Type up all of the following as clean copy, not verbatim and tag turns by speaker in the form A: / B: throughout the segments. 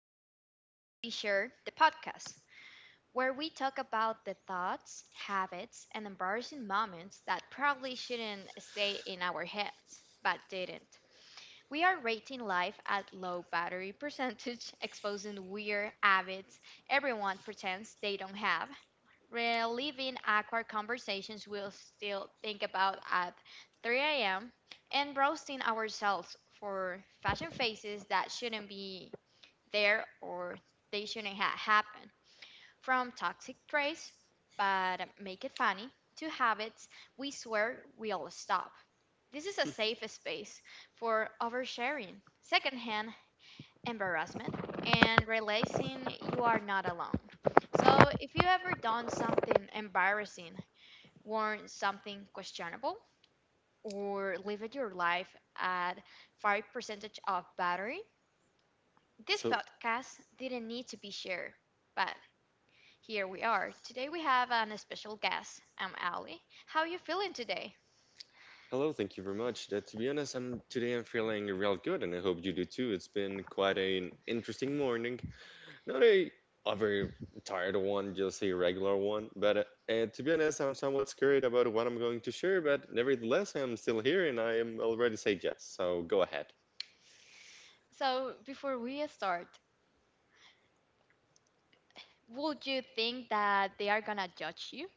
A: This Didn't Need to Be Sure, the podcast, where we talk about the thoughts, habits, and embarrassing moments that probably shouldn't stay in our heads, but didn't. We are rating life at low battery percentage, exposing weird habits everyone pretends they don't have, reliving awkward conversations we'll still think about at 3 a.m., and roasting ourselves for fashion faces that shouldn't be there or they shouldn't have happened. From toxic traits, but make it funny, to habits we swear we'll stop. This is a safe space for oversharing, secondhand embarrassment, and realizing you are not alone. So, if you ever done something embarrassing, worn something questionable, or lived your life at 5 percentage of battery, this
B: So,
A: podcast didn't need to be shared. But here we are. Today we have an special guest. I'm Ali. How are you feeling today?
B: hello, thank you very much. To be honest, I'm today I'm feeling real good, and I hope you do too. It's been quite an interesting morning. Not a very tired one, just a regular one. But to be honest, I'm somewhat scared about what I'm going to share. But nevertheless, I'm still here, and I am already said yes. So go ahead.
A: So, before we start, would you think that they are gonna judge you?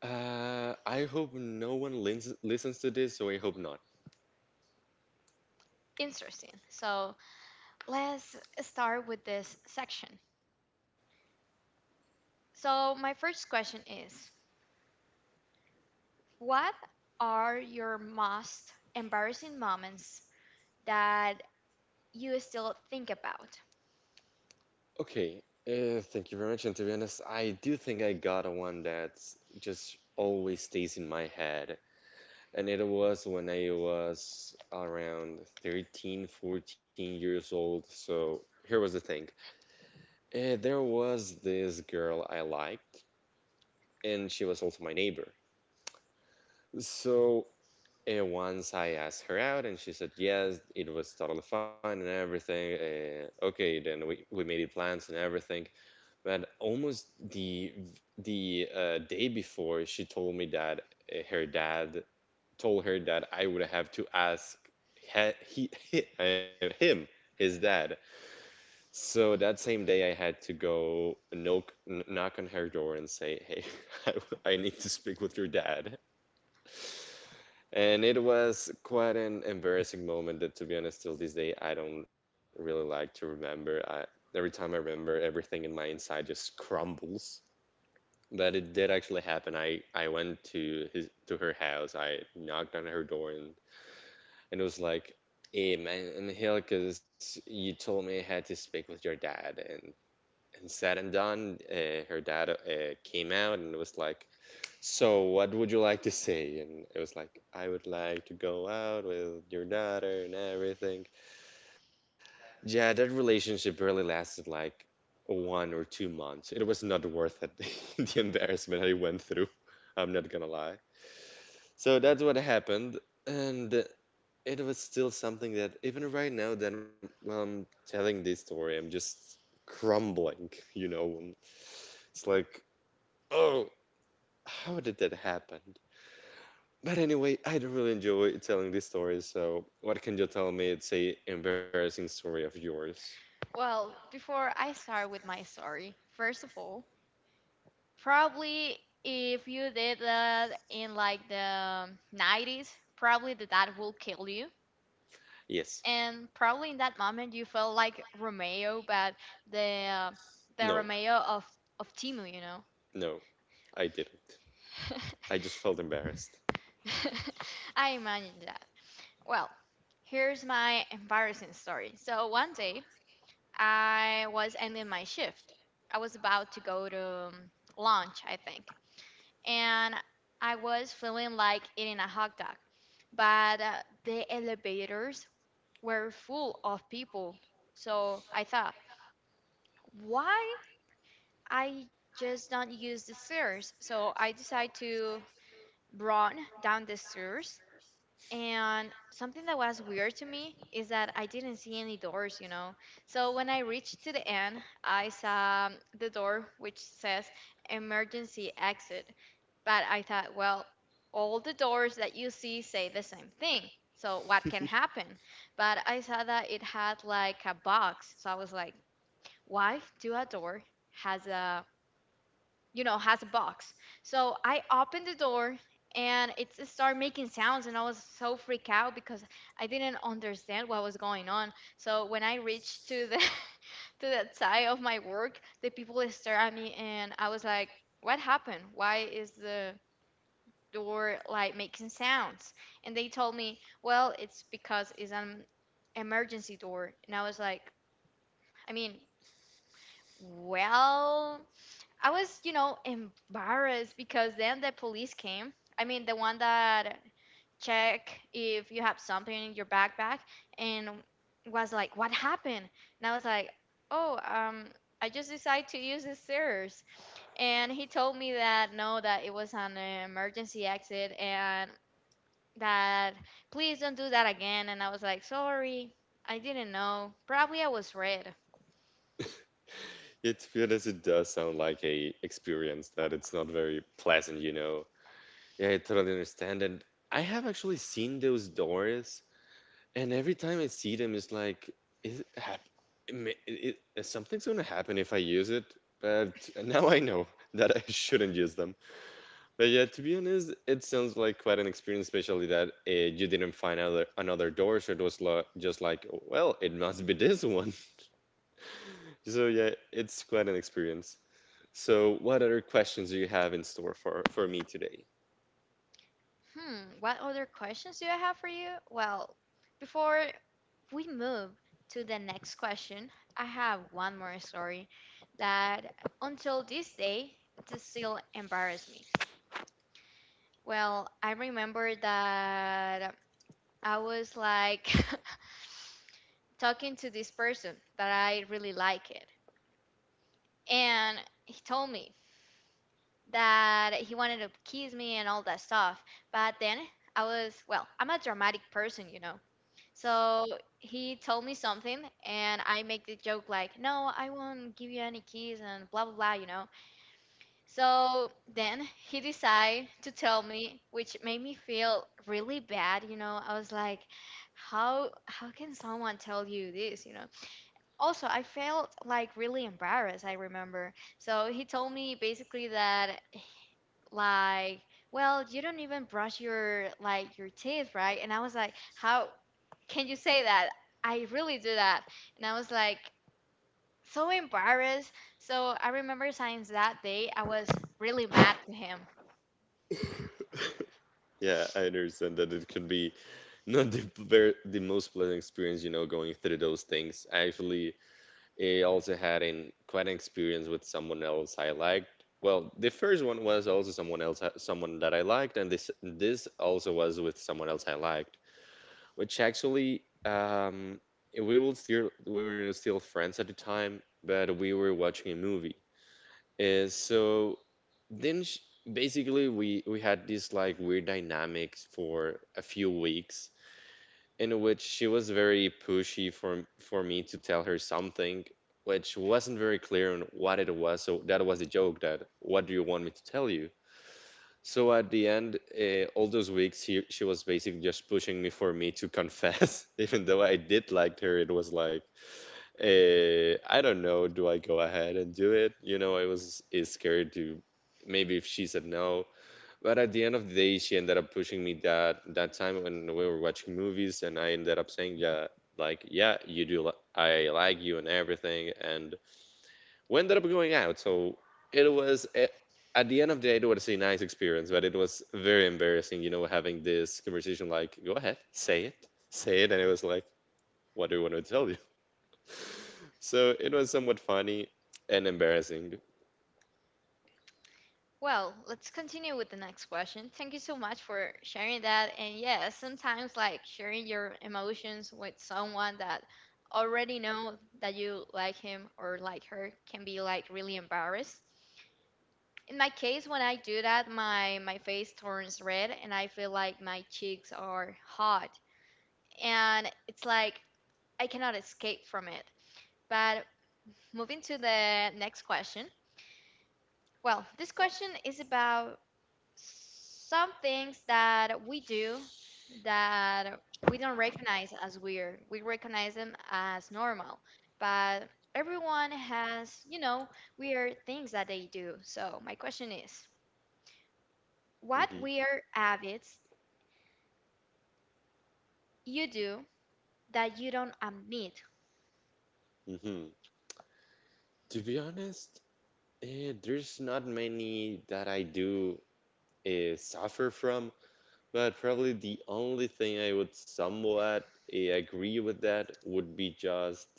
B: I hope no one listens to this, so I hope not.
A: Interesting. So, let's start with this section. So, my first question is, what are your most embarrassing moments that you still think about?
B: Okay, thank you very much. And to be honest, I do think I got a one that's just always stays in my head. And it was when I was around 13, 14 years old. So here was the thing. There was this girl I liked, and she was also my neighbor. So once I asked her out, and she said yes, it was totally fine and everything. Okay, then we made plans and everything. But almost the day before, she told me that her dad told her that I would have to ask he him his dad. So that same day, I had to go knock on her door and say, "Hey, I need to speak with your dad." And it was quite an embarrassing moment that, to be honest, till this day, I don't really like to remember. I, every time I remember, everything in my inside just crumbles. But it did actually happen. I went to his to her house. I knocked on her door and it was like, "Hey man, I'm because you told me I had to speak with your dad." And said and done, her dad came out and was like, so, what would you like to see? And it was like, I would like to go out with your daughter and everything. Yeah, that relationship really lasted like 1 or 2 months. It was not worth it, the embarrassment I went through. I'm not gonna lie. So that's what happened, and it was still something that even right now, that while I'm telling this story, I'm just crumbling. You know, it's like, oh, how did that happen? But anyway, I don't really enjoy telling these stories, so what can you tell me? It's a embarrassing story of yours.
A: Well, before I start with my story, first of all, probably if you did that in like the 90s, probably that will kill you.
B: Yes.
A: And probably in that moment you felt like Romeo, but the
B: No.
A: the Romeo of Timu.
B: No. I didn't. I just felt embarrassed.
A: I imagine that. Well, here's my embarrassing story. So one day, I was ending my shift. I was about to go to um, lunch, I think, and I was feeling like eating a hot dog, but the elevators were full of people. So I thought, why I just don't use the stairs? So I decided to run down the stairs. And something that was weird to me is that I didn't see any doors. So when I reached to the end, I saw the door which says emergency exit. But I thought, well, all the doors that you see say the same thing. So what can happen? But I saw that it had like a box. So I was like, why do a door has a has a box, so I opened the door, and it started making sounds, and I was so freaked out because I didn't understand what was going on. So when I reached to the to that side of my work, the people stared at me, and I was like, what happened? Why is the door like making sounds? And they told me, well, it's because it's an emergency door. And I was like, I mean, well, I was, embarrassed because then the police came. I mean, the one that check if you have something in your backpack, and was like, "What happened?" And I was like, "Oh, I just decided to use the stairs." And he told me that no, that it was an emergency exit and that please don't do that again. And I was like, "Sorry, I didn't know. Probably I was red."
B: Yeah, to be honest, it does sound like a experience that it's not very pleasant, you know. Yeah, I totally understand. And I have actually seen those doors, and every time I see them, it's like, is it something's gonna happen if I use it. But now I know that I shouldn't use them. But yeah, to be honest, it sounds like quite an experience, especially that you didn't find another door, so it was lo just like, "Oh, well, it must be this one. So yeah, it's quite an experience. So what other questions do you have in store for me today?
A: Hmm, what other questions do I have for you? Well, before we move to the next question, I have one more story that until this day it still embarrass me. Well, I remember that I was like talking to this person that I really like it, and he told me that he wanted to kiss me and all that stuff. But then I was, well, I'm a dramatic person. So he told me something, and I make the joke like, "No, I won't give you any keys," and blah blah blah. So then he decided to tell me, which made me feel really bad. I was like, "How can someone tell you this?" You know. Also, I felt like really embarrassed. I remember. So he told me basically that like, well, you don't even brush your like your teeth, right? And I was like, how can you say that? I really do that. And I was like so embarrassed. So I remember since that day I was really mad to him.
B: Yeah, I understand that it could be not the most pleasant experience, you know, going through those things. I also had in quite an experience with someone else I liked. Well, the first one was also someone else, someone that I liked, and this also was with someone else I liked, which actually we will still we were still friends at the time, but we were watching a movie. So then sh basically we had this like weird dynamics for a few weeks in which she was very pushy for me to tell her something which wasn't very clear on what it was. So that was a joke that what do you want me to tell you? So at the end, all those weeks, she was basically just pushing me for me to confess, even though I did like her. It was like, I don't know, do I go ahead and do it? You know, I was is scared to maybe if she said no, but at the end of the day, she ended up pushing me that time when we were watching movies, and I ended up saying, yeah, like, yeah, you do. I like you and everything, and we ended up going out. So it was at the end of the day, it was a nice experience, but it was very embarrassing, you know, having this conversation. Like, go ahead, say it, and it was like, what do you want me to tell you? So it was somewhat funny and embarrassing.
A: Well, let's continue with the next question. Thank you so much for sharing that. And yeah, sometimes like sharing your emotions with someone that already know that you like him or like her can be like really embarrassed. In my case, when I do that, my face turns red, and I feel like my cheeks are hot, and it's like I cannot escape from it. But moving to the next question, well, this question is about some things that we do that we don't recognize as weird. We recognize them as normal, but everyone has weird things that they do. So my question is, what
B: Hmm.
A: weird habits you do that you don't admit.
B: Hmm. To be honest, there's not many that I do suffer from, but probably the only thing I would somewhat agree with that would be just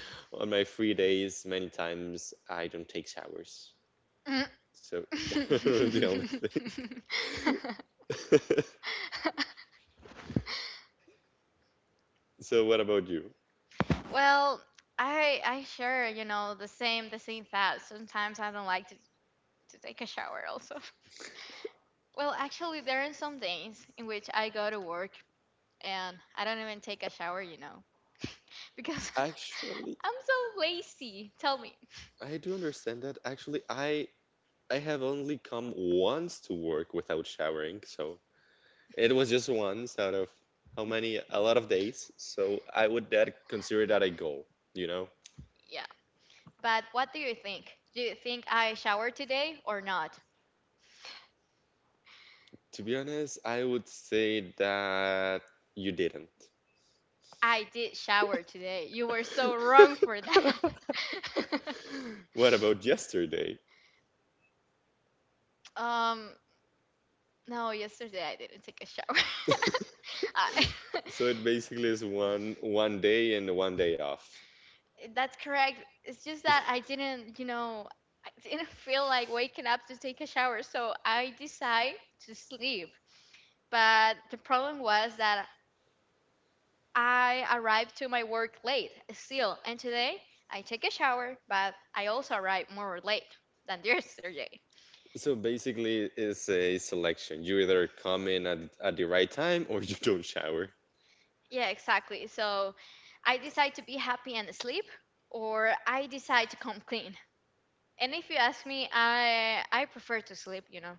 B: on my free days, many times I don't take showers.
A: Mm.
B: So that was the only thing. So what about you?
A: Well, I share the same thoughts. Sometimes I don't like to take a shower also. Well, actually, there are some days in which I go to work and I don't even take a shower, because
B: Actually,
A: I'm so lazy. Tell me.
B: I do understand that. Actually, I have only come once to work without showering, so it was just once out of how many? A lot of days. So I would that consider that a goal, you know?
A: Yeah. But what do you think? Do you think I showered today or not?
B: To be honest, I would say that you didn't.
A: I did shower today. You were so wrong for that.
B: What about yesterday?
A: um, no, yesterday I didn't take a shower. I,
B: So it basically is one day and one day off.
A: that's correct. It's just that I didn't, you know, I didn't feel like waking up to take a shower, so I decide to sleep. But the problem was that I arrived to my work late still, and today I take a shower, but I also arrived more late than yesterday.
B: So basically it's a selection. You either come in at the right time or you don't shower.
A: Yeah, exactly. So I decide to be happy and sleep, or I decide to come clean. And if you ask me, I prefer to sleep.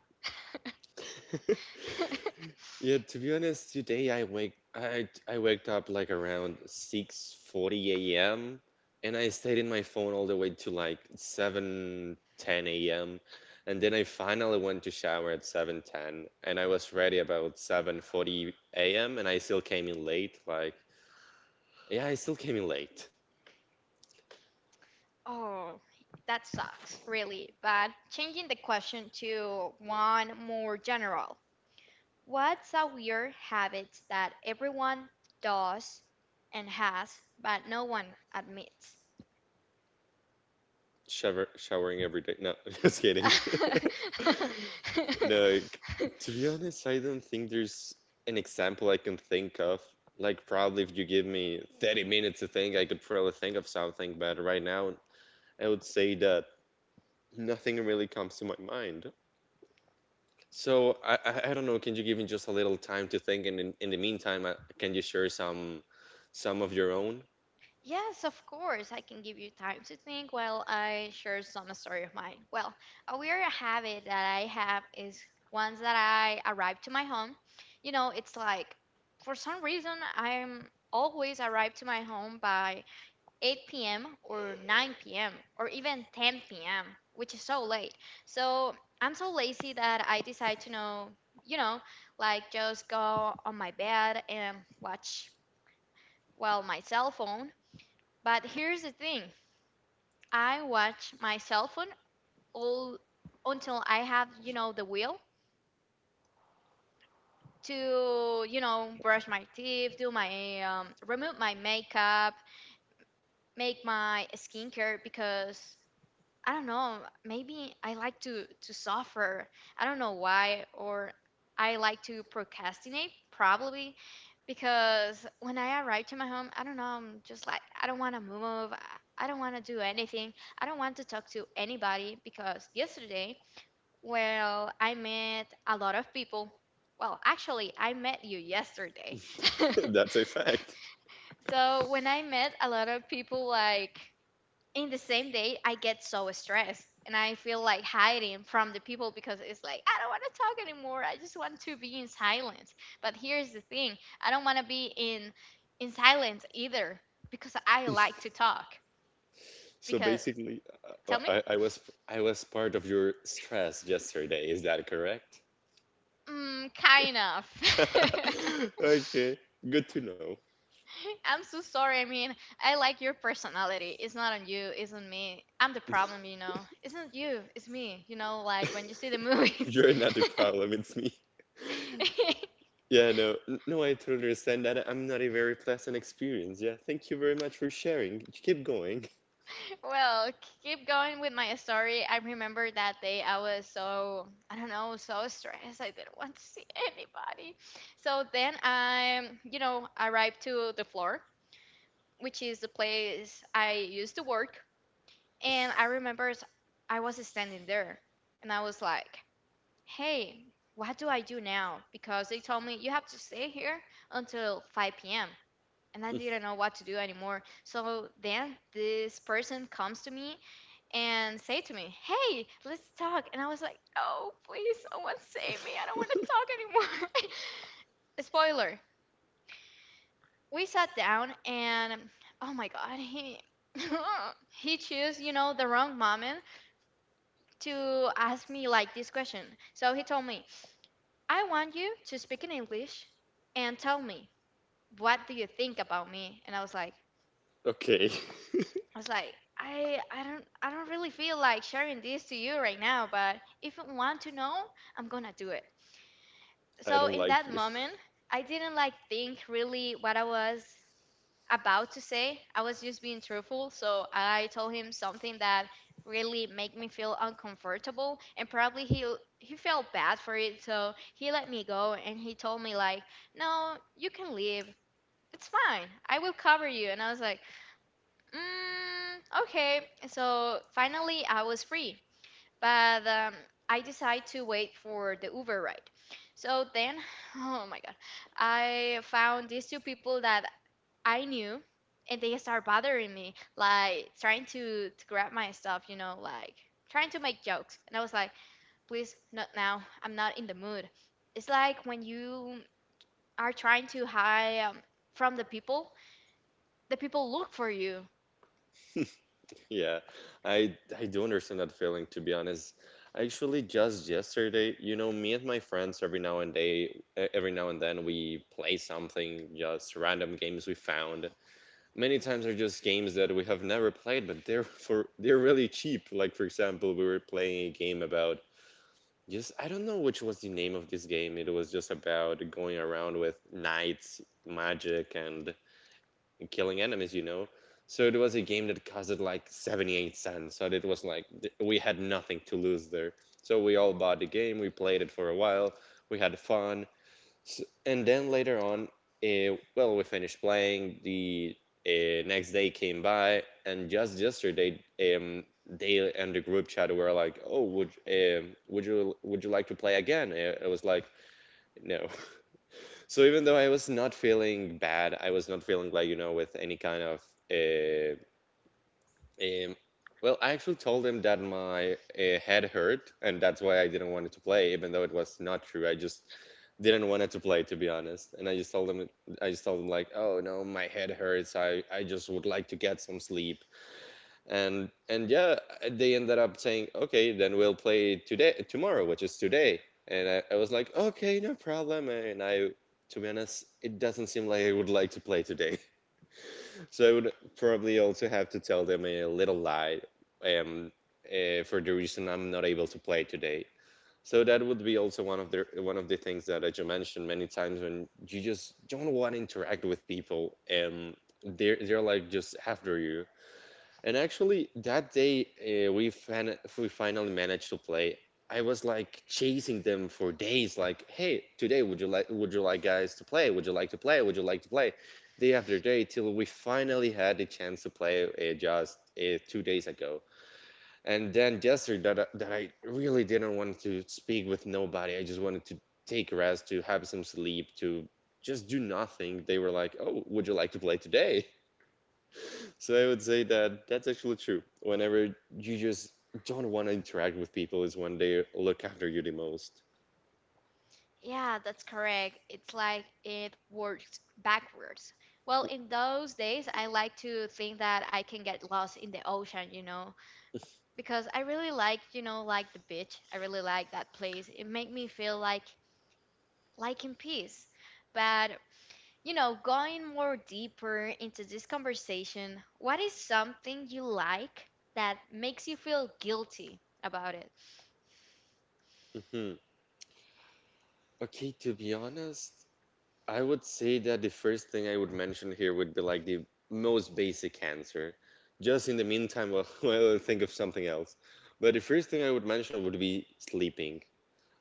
B: Yeah, to be honest, today I waked up like around 6:40 a.m. and I stayed in my phone all the way to like 7:10 a.m. and then I finally went to shower at 7:10 and I was ready about 7:40 a.m. and I still came in late like yeah, I still came in late.
A: Oh, that sucks, really. But changing the question to one more general, what's a weird habit that everyone does and has, but no one admits?
B: Showering every day. No, just kidding. Look, to be honest, I don't think there's an example I can think of. Like, probably if you give me 30 minutes to think, I could probably think of something, but right now, I would say that nothing really comes to my mind. So, I don't know, can you give me just a little time to think? And in the meantime, can you share some of your own?
A: Yes, of course. I can give you time to think while I share some story of mine. Well, a weird habit that I have is once that I arrive to my home, it's like for some reason I'm always arrive to my home by 8 p.m. or 9 p.m. or even 10 p.m., which is so late. So I'm so lazy that I decide to know, you know, like just go on my bed and watch, well, my cell phone. But here's the thing. I watch my cell phone all until I have, the will to, brush my teeth, do my remove my makeup, make my skincare because I don't know. Maybe I like to suffer. I don't know why, or I like to procrastinate probably because when I arrive to my home, I don't know. I'm just like, I don't want to move. I don't want to do anything. I don't want to talk to anybody because yesterday, well, I met a lot of people. Well, actually, I met you yesterday.
B: That's a fact.
A: So when I met a lot of people, like in the same day, I get so stressed and I feel like hiding from the people because it's like I don't want to talk anymore. I just want to be in silence. But here's the thing, I don't want to be in silence either because I like to talk
B: So
A: because
B: basically,
A: tell me
B: I was part of your stress yesterday. Is that correct?
A: kind of
B: Okay, good to know.
A: I'm so sorry. I mean, I like your personality. It's not on you, it's on me. I'm the problem, it's not you, it's me, like when you see the movies.
B: You're not the problem, it's me. Yeah, no, I totally understand that. I'm not a very pleasant experience. Yeah, thank you very much for sharing. Keep going.
A: Well, keep going with my story. I remember that day I was so, I don't know, so stressed. I didn't want to see anybody. So then I arrived to the floor, which is the place I used to work. And I remember I was standing there, and I was like, hey, what do I do now? Because they told me you have to stay here until 5 p.m and I didn't know what to do anymore. So then this person comes to me and say to me, "Hey, let's talk." And I was like, "Oh, please, someone save me. I don't want to talk anymore." Spoiler: we sat down and oh my god, he he chose, the wrong moment to ask me like this question. So he told me, "I want you to speak in English and tell me what do you think about me?" And I was like,
B: Okay.
A: I was like, I don't really feel like sharing this to you right now, but if you want to know, I'm gonna do it.
B: I
A: So
B: don't
A: in
B: like
A: that moment, I didn't like think really what I was about to say. I was just being truthful, so I told him something that really made me feel uncomfortable and probably he felt bad for it, so he let me go and he told me, like, "No, you can leave. It's fine. I will cover you." And I was like, mm, okay, so finally I was free, but I decided to wait for the Uber ride. So then, oh my God, I found these two people that I knew, and they start bothering me, like trying to grab my stuff, you know, like trying to make jokes. And I was like, please, not now. I'm not in the mood. It's like when you are trying to hide from the people look for you.
B: you. Yeah. I do understand that feeling to be honest. Actually, just yesterday, you know, me and my friends every now and then we play something, just random games we found. Many times they're just games that we have never played, but they're for they're really cheap. Like for example, we were playing a game about just I don't know which was the name of this game. It was just about going around with knights, magic, and killing enemies, you know. So it was a game that costed like 78 cents. So it was like we had nothing to lose there. So we all bought the game, we played it for a while, we had fun. S And then later on, well, we finished playing. The next day came by, and just yesterday, they and the group chat were like, "Oh, would you like to play again?" I was like, "No." So even though I was not feeling bad, I was not feeling like, you know, with any kind of uh, um, well, I actually told him that my head hurt and that's why I didn't want it to play, even though it was not true. I just didn't want it to play, to be honest. And I just told him like, oh no, my head hurts. I just would like to get some sleep and yeah they ended up saying okay then we'll play today tomorrow which is today and I was like okay no problem and I to be honest it doesn't seem like I would like to play today so I would probably also have to tell them a little lie um, for the reason I'm not able to play today so that would be also one of the things that I just mentioned many times when you just don't want to interact with people and they're like just after you and actually, that day we finally managed to play. I was like chasing them for days. Like, hey, today, would you like guys to play? Would you like to play? Would you like to play? Day after day, till we finally had the chance to play just 2 days ago. And then yesterday, that I really didn't want to speak with nobody. I just wanted to take a rest, to have some sleep, to just do nothing. They were like, oh, would you like to play today? So I would say that that's actually true. Whenever you just don't want to interact with people is when they look after you the most.
A: Yeah, that's correct. It's like it works backwards. Well, in those days, I like to think that I can get lost in the ocean, you know, because I really like, you know, like the beach. I really like that place. It make me feel like in peace. But, you know, going more deeper into this conversation, what is something you like that makes you feel guilty about it?
B: Hmm. Okay, to be honest, I would say that the first thing I would mention here would be like the most basic answer. Just in the meantime, while while I think of something else. But the first thing I would mention would be sleeping.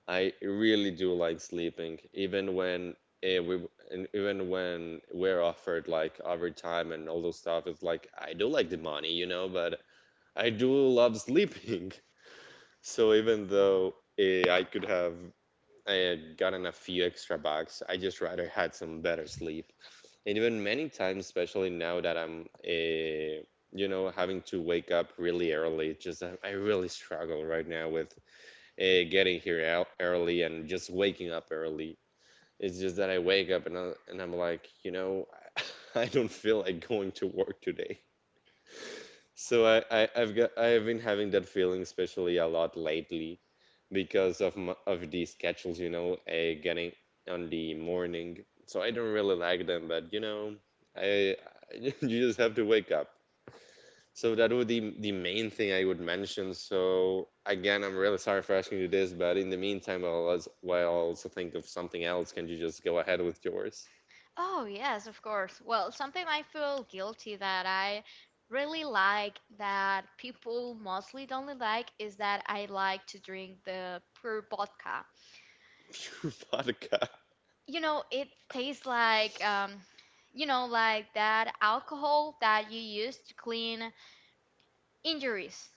B: I really do like sleeping, even when we're offered like overtime and all those stuff. It's like I do like the money, but I do love sleeping. So even though I could have gotten a few extra bucks, I just rather had some better sleep. And even many times, especially now that I'm having to wake up really early, just I really struggle right now with getting here out early and just waking up early. It's just that I wake up and I'm like, I don't feel like going to work today. So I, I've got I've been having that feeling especially a lot lately because of of these schedules, getting on the morning. So I don't really like them, but you know, I you just have to wake up. So that would be the main thing I would mention. So again, I'm really sorry for asking you this, but in the meantime, while I also think of something else, can you just go ahead with yours?
A: Oh, yes, of course. Well, something I feel guilty that I really like that people mostly don't really like is that I like to drink the pure vodka.
B: Pure vodka.
A: You know, it tastes like, you know, like that alcohol that you use to clean injuries.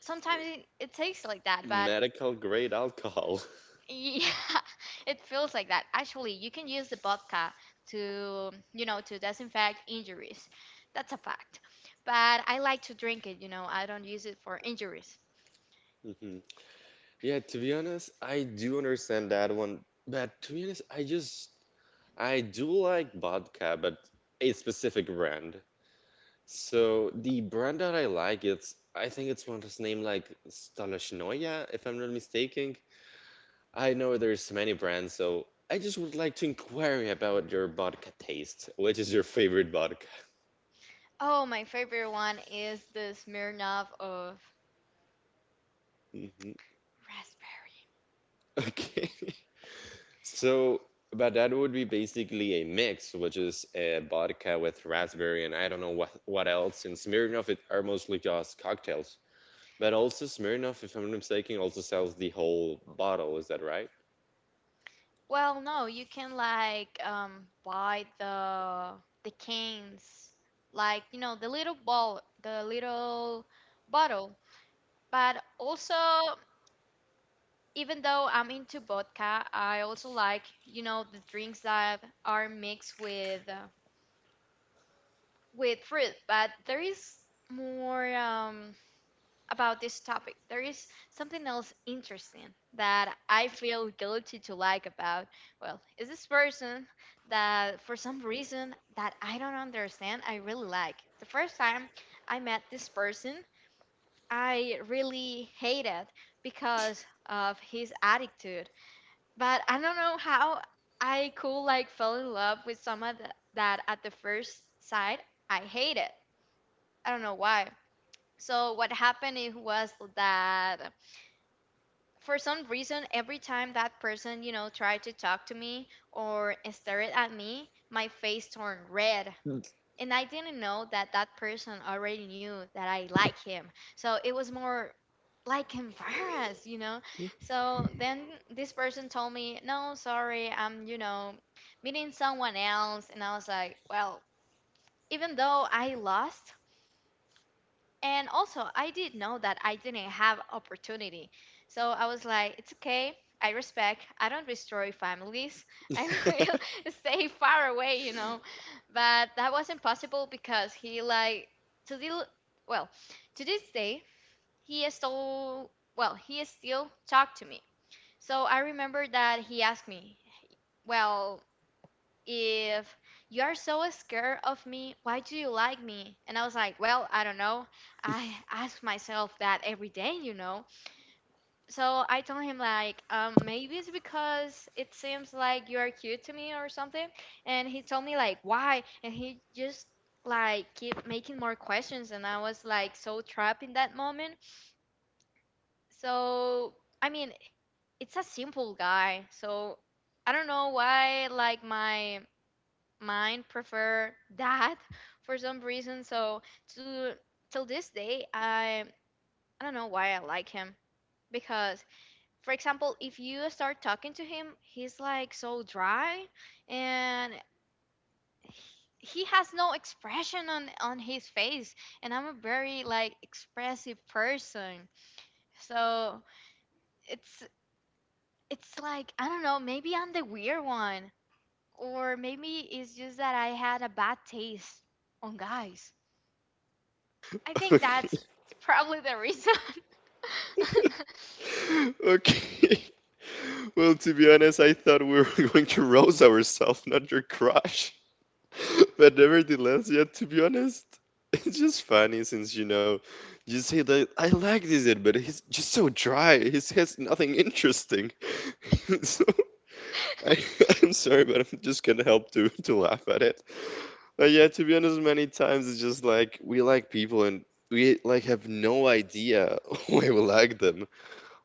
A: Sometimes it tastes like that, but
B: Medical grade alcohol.
A: yeah, it feels like that. Actually, you can use the vodka to, you know, to disinfect injuries. That's a fact. But I like to drink it, you know, I don't use it for injuries.
B: Hmm. Yeah, to be honest, I do understand that one, but to be honest, I do like vodka, but a specific brand. So the brand that I like, it's I think it's one that's named like Stalashnoya, if I'm not mistaken. I know there's many brands, so I just would like to inquire about your vodka taste. What is your favorite vodka?
A: Oh, my favorite one is the Smirnoff of
B: Mhm.
A: raspberry.
B: Okay. So, but that would be basically a mix, which is a vodka with raspberry and I don't know what else. And Smirnoff it are mostly just cocktails. But also Smirnoff, if I'm not mistaken, also sells the whole bottle. Is that right?
A: Well, no, you can like buy the cans, like, you know, the little ball, the little bottle. But also even though I'm into vodka, I also like, you know, the drinks that are mixed with fruit. But there is more about this topic. There is something else interesting that I feel guilty to like about. Well, is this person that for some reason that I don't understand, I really like. The first time I met this person, I really hated because of his attitude. But I don't know how I could like fell in love with someone that at the first sight I hated. I don't know why. So what happened it was that for some reason every time that person, you know, tried to talk to me or stared at me, my face turned red and I didn't know that that person already knew that I like him. So it was more like embarrassed, you know. So then this person told me, "No, sorry, I'm, you know, meeting someone else." And I was like, "Well, even though I lost, and also, I did know that I didn't have opportunity. So I was like, it's okay. I respect. I don't destroy families. I will stay far away, you know." But that wasn't possible because he like to the well, to this day, he is still well, he is still talk to me. So I remember that he asked me, well, if you are so scared of me, why do you like me? And I was like, well, I don't know. I ask myself that every day, you know. So I told him like, maybe it's because it seems like you are cute to me or something. And he told me like, why? And he just like keep making more questions, and I was like so trapped in that moment. So I mean, it's a simple guy, so I don't know why like my mine prefer that for some reason. So to till this day, I don't know why I like him because, for example, if you start talking to him, he's like so dry and he he has no expression on his face and I'm a very like expressive person so it's it's like I don't know, maybe I'm the weird one or maybe it's just that I had a bad taste on guys. I think that's probably the reason.
B: Okay. Well, to be honest, I thought we were going to roast ourselves, not your crush. But nevertheless, yeah, to be honest, it's just funny since you say that I like this kid, but he's just so dry. He says nothing interesting. So I, I'm sorry, but I'm just gonna help to to laugh at it. But yeah, to be honest, many times it's just like we like people and we like have no idea why we like them.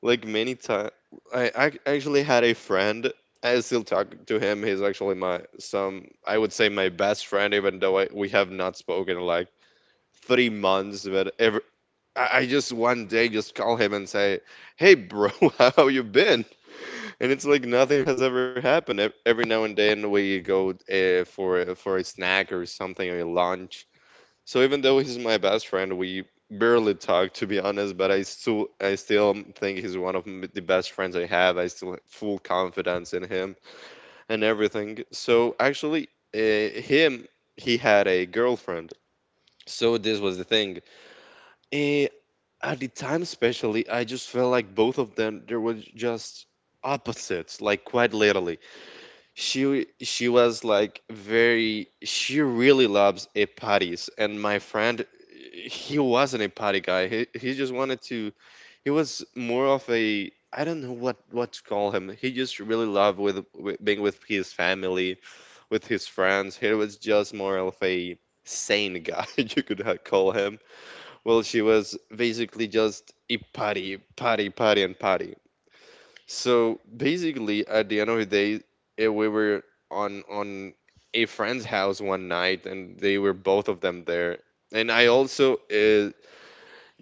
B: Like many times, I actually had a friend. I still talk to him. He's actually my some I would say my best friend, even though we have not spoken in like 3 months. But I just one day just call him and say, "Hey, bro, how you been?" And it's like nothing has ever happened. Every now and then we go for for a snack or something, or a lunch, so even though he's my best friend, we barely talk to be honest, but I still think he's one of the best friends I have. I still have full confidence in him and everything. So actually, him he had a girlfriend. So this was the thing. Eh, at the time, especially, I just felt like both of them there were just opposites, like quite literally. She was like very, she really loves a parties, and my friend, he wasn't a party guy. He just wanted to, he was more of a, I don't know what to call him. He just really loved with being with his family, with his friends. He was just more of a sane guy you could call him. Well, she was basically just a party, party, party and party. So basically, at the end of the day, we were on a friend's house one night, and they were both of them there. And I also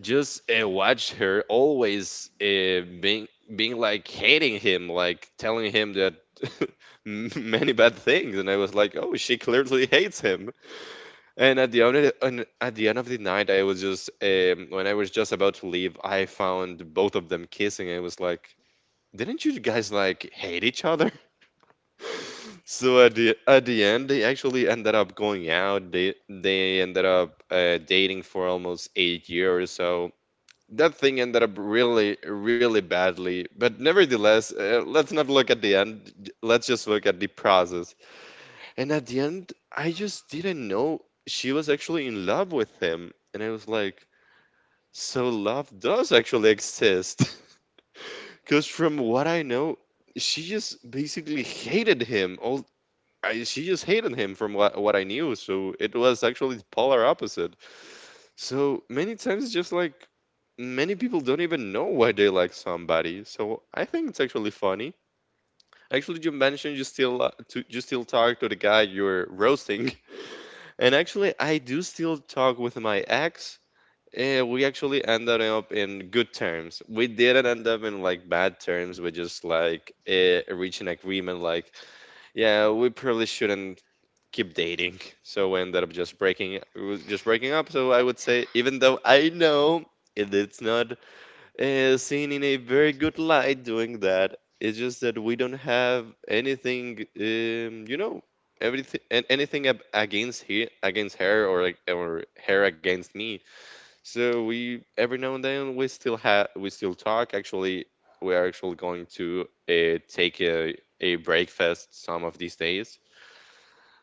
B: just watched her always being like hating him, like telling him that many bad things. And I was like, oh, she clearly hates him. And at the end of the night, I was just when I was just about to leave, I found both of them kissing. I was like, didn't you guys like hate each other? So at the end, they actually ended up going out. They ended up dating for almost 8 years. So that thing ended up really, really badly. But nevertheless, let's not look at the end. Let's just look at the process. And at the end, I just didn't know she was actually in love with him. And I was like, so love does actually exist. Because from what I know, she just basically hated him. She just hated him from what I knew. So it was actually the polar opposite. So many times, it's just like many people don't even know why they like somebody. So I think it's actually funny. Actually, you mentioned you still talk to the guy you're roasting. And actually, I do still talk with my ex. Yeah, we actually ended up in good terms. We didn't end up in like bad terms. We just like reached an agreement like, yeah, we probably shouldn't keep dating. So we ended up just breaking we was just breaking up. So I would say even though I know it's not seen in a very good light doing that, it's just that we don't have anything everything and anything against her, or or her against me, so we, every now and then, we still talk. Actually, we are actually going to take a breakfast some of these days.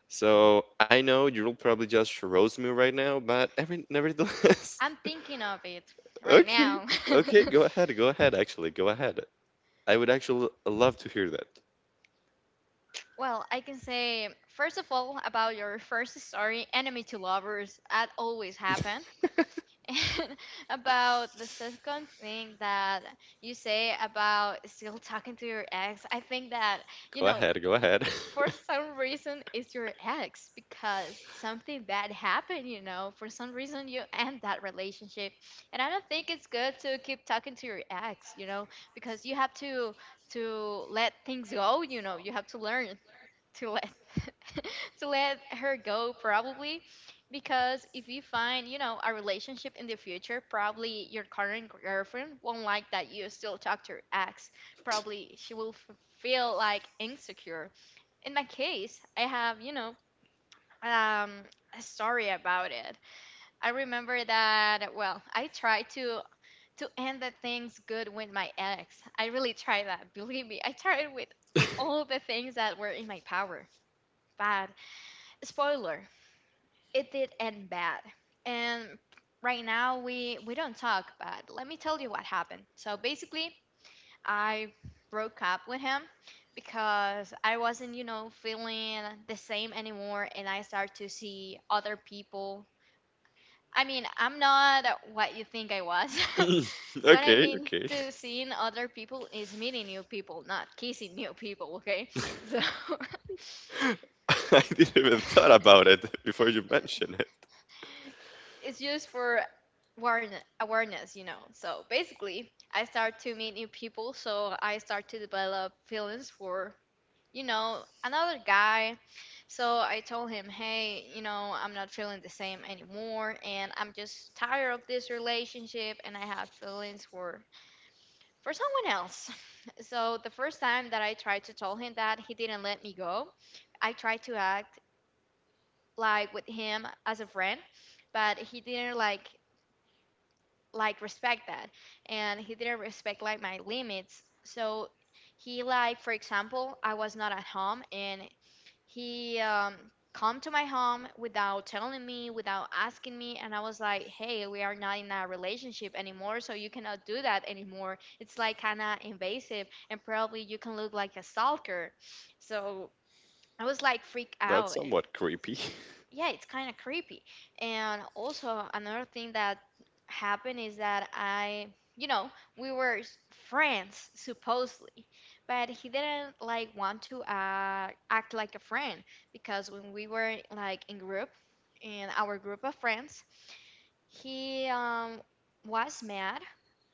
B: So I know you'll probably just roast me right now, but every nevertheless,
A: I'm thinking of it right
B: okay,
A: now.
B: okay, go ahead, go ahead. Actually, go ahead. I would actually love to hear that.
A: Well, I can say, first of all, about your first story, Enemy to Lovers, that always happen. And about the second thing that you say about still talking to your ex, I think that, you
B: Go
A: know,
B: ahead, go ahead.
A: for some reason it's your ex because something bad happened, you know, for some reason you end that relationship and I don't think it's good to keep talking to your ex, you know, because you have to let things go, you know, you have to learn to let to let her go, probably, because if you find, you know, a relationship in the future, probably your current girlfriend won't like that you still talk to your ex, probably she will feel like insecure. In my case, I have, you know, um a story about it. I remember that well, I tried to end the things good with my ex. I really tried that. Believe me, I tried with all the things that were in my power, but spoiler, it did end bad. And right now we don't talk, but let me tell you what happened. So basically, I broke up with him because I wasn't, you know, feeling the same anymore and I start to see other people. I mean, I'm not what you think I was. What I
B: Okay,
A: mean
B: okay.
A: to seeing other people is meeting new people, not kissing new people, okay? So
B: I didn't even thought about it before you mentioned it.
A: it's just for awareness, awareness, you know. So basically, I start to meet new people, so I start to develop feelings for, you know, another guy. So I told him, hey, you know, I'm not feeling the same anymore, and I'm just tired of this relationship, and I have feelings for someone else. So the first time that I tried to tell him that, he didn't let me go. I tried to act like with him as a friend, but he didn't like respect that and he didn't respect like my limits, so he like, for example, I was not at home and he come to my home without telling me, without asking me, and I was like, hey, we are not in a relationship anymore, so you cannot do that anymore, it's like kind of invasive and probably you can look like a stalker, so I was like freaked out.
B: That's somewhat creepy.
A: Yeah, it's kind of creepy. And also another thing that happened is that I, you know, we were friends supposedly, but he didn't like want to act like a friend, because when we were like in group, in our group of friends, he was mad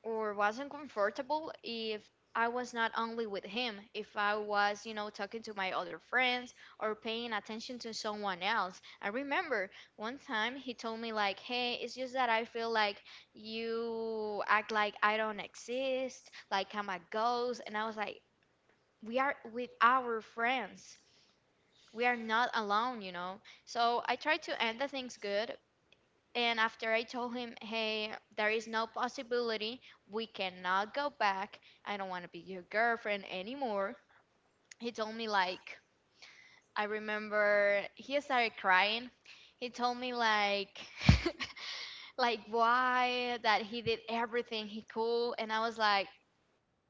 A: or wasn't comfortable if I was not only with him, if I was, you know, talking to my other friends or paying attention to someone else. I remember one time he told me, like, hey, it's just that I feel like you act like I don't exist, like I'm a ghost. And I was like, we are with our friends, we are not alone, you know. So I try to end the things good, and after I told him, hey, there is no possibility, we cannot go back. I don't want to be your girlfriend anymore. He told me, like, I remember he started crying. He told me, like, like why that he did everything he could. And I was like,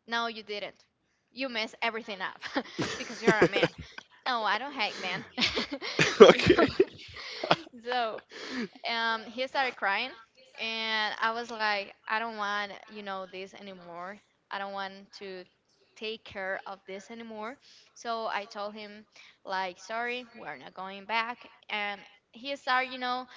A: no, you didn't. You messed everything up because you're a man. No, I don't hate men. So,
B: Okay.
A: so he started crying, and I was like, I don't want, you know, this anymore. I don't want to take care of this anymore. So I told him, like, sorry, we're not going back. And he started, you know,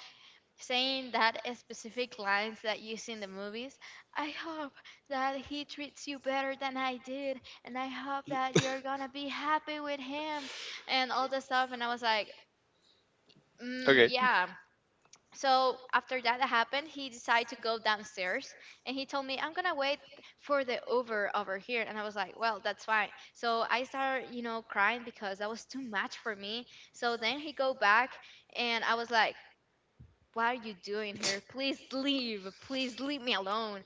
A: saying that specific lines that you see in the movies. I hope that he treats you better than I did, and I hope that you're gonna be happy with him, and all this stuff. And I was like, mm, yeah,
B: Okay.
A: so after that happened, he decided to go downstairs and he told me, I'm gonna wait for the over over here. And I was like, well, that's fine. So I started, you know, crying because that was too much for me. So then he go back and I was like, what are you doing here, please leave, please leave me alone.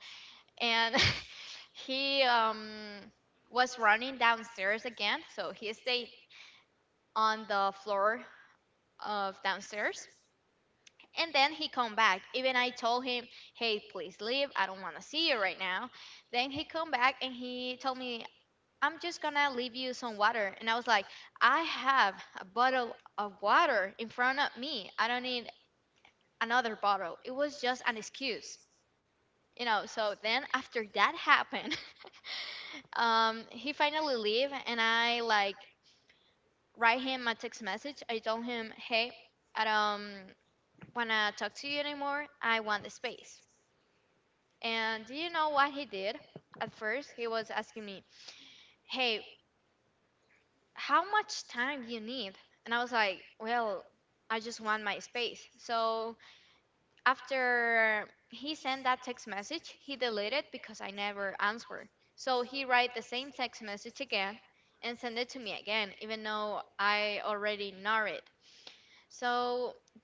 A: And he was running downstairs again, so he stayed on the floor of downstairs. And then he come back. Even I told him, "Hey, please leave. I don't want to see you right now." Then he come back and he told me, "I'm just gonna leave you some water." And I was like, "I have a bottle of water in front of me. I don't need another bottle." It was just an excuse, you know. So then after that happened, he finally leave and I like write him a text message. I told him, "Hey, I don't wanna talk to you anymore. I want the space." And do you know what he did? At first, he was asking me, "Hey, how much time do you need?" And I was like, "Well, I just want my space." So after he sent that text message, he deleted because I never answered. So he write the same text message again and send it to me again, even though I already know it. So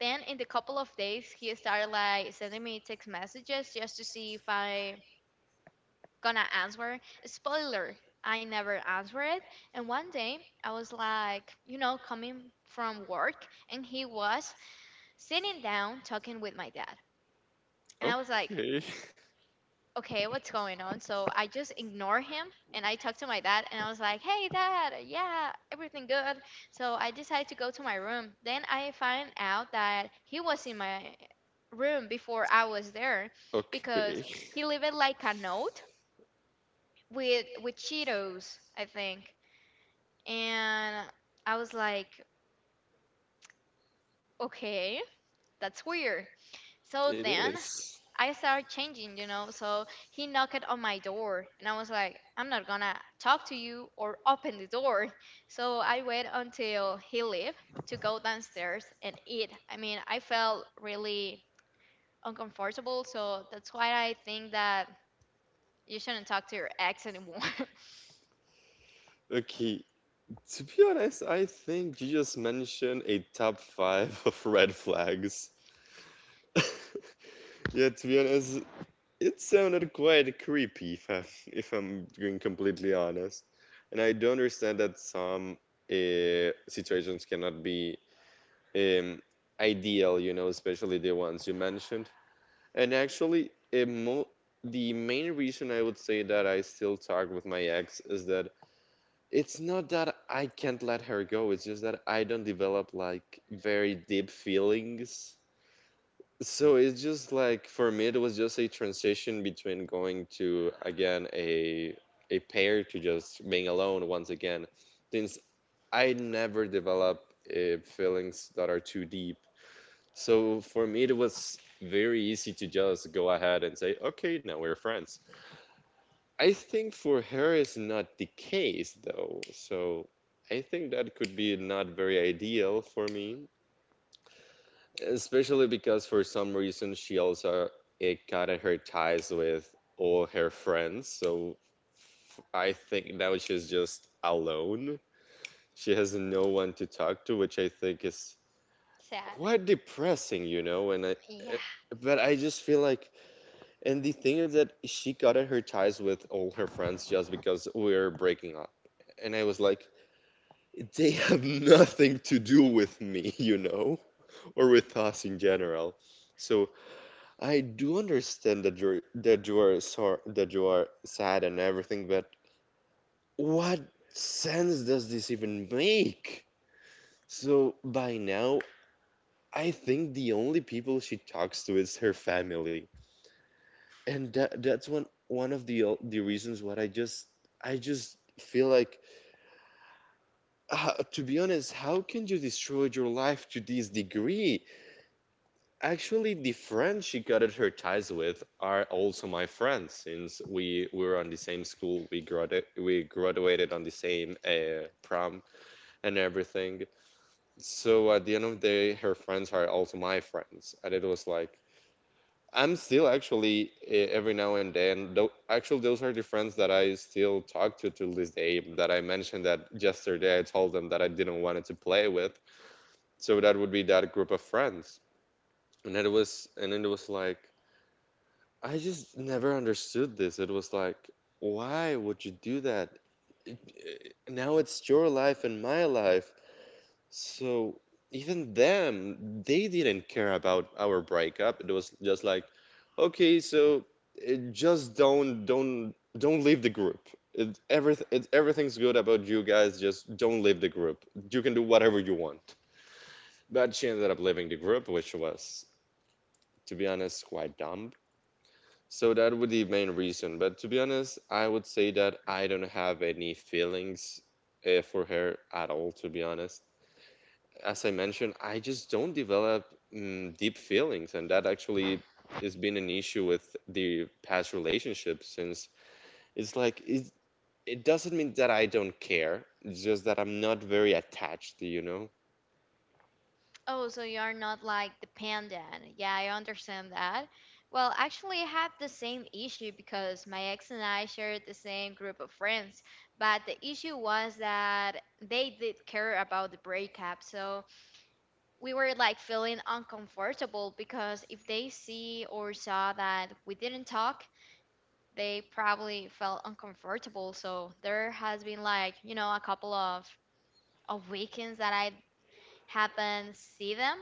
A: then in the couple of days, he started like sending me text messages just to see if I gonna answer. Spoiler, I never answered it. And one day I was like, coming from work and he was sitting down talking with my dad. And I was like, okay, what's going on? So I just ignore him and I talked to my dad and I was like, hey, dad, yeah, everything good. So I decided to go to my room. Then I find out that he was in my room before I was there because
B: Okay. Okay.
A: he left like a note with Cheetos, I think. And I was like, okay, that's weird. So
B: It
A: then
B: is.
A: I started changing. So he knocked on my door, and I was like, I'm not gonna talk to you or open the door. So I wait until he left to go downstairs and eat. I mean, I felt really uncomfortable, so that's why I think that you shouldn't talk to your ex anymore.
B: Okay. To be honest, I think you just mentioned a top five of red flags. Yeah, to be honest, it sounded quite creepy if I'm, if I'm being completely honest. And I do understand that some situations cannot be um, ideal, especially the ones you mentioned. And actually, a mo the main reason I would say that I still talk with my ex is that it's not that I can't let her go, it's just that I don't develop like very deep feelings. So it's just like for me it was just a transition between going to again a pair to just being alone once again. Since I never develop feelings that are too deep. So for me it was very easy to just go ahead and say, "Okay, now we're friends." I think for her is not the case though, so I think that could be not very ideal for me, especially because for some reason she also it cut her ties with all her friends, so I think now she's just alone. She has no one to talk to, which I think is
A: Sad.
B: quite depressing, and I,
A: Yeah.
B: eh, but I just feel like, and the thing is that she cut her ties with all her friends just because we're breaking up. And I was like, they have nothing to do with me, or with us in general. So I do understand that you're that you are sor- that you are sad and everything, but what sense does this even make? So by now, I think the only people she talks to is her family. And that that's one of the the reasons what I just feel like, to be honest, how can you destroy your life to this degree? Actually, the friends she gutted her ties with are also my friends since we were on the same school, we graduated on the same prom and everything. So at the end of the day, her friends are also my friends, and it was like I'm still actually every now and then. Though, actually, those are the friends that I still talk to this day. That I mentioned that yesterday. I told them that I didn't want to play with. So that would be that group of friends. And it was like I just never understood this. It was like, why would you do that? Now it's your life and my life. So even them, they didn't care about our breakup. It was just like, okay, so it just don't leave the group. Everything's good about you guys. Just don't leave the group. You can do whatever you want. But she ended up leaving the group, which was, to be honest, quite dumb. So that would be the main reason. But to be honest, I would say that I don't have any feelings for her at all. To be honest, as I mentioned, I just don't develop deep feelings, and that actually has been an issue with the past relationships, since it's like it doesn't mean that I don't care, it's just that I'm not very attached, you know?
A: Oh, so you are not like dependent. Yeah, I understand that. Well, actually, I have the same issue because my ex and I shared the same group of friends. But the issue was that they did care about the breakup. So we were like feeling uncomfortable because if they see or saw that we didn't talk, they probably felt uncomfortable. So there has been like, a couple of weekends that I haven't see them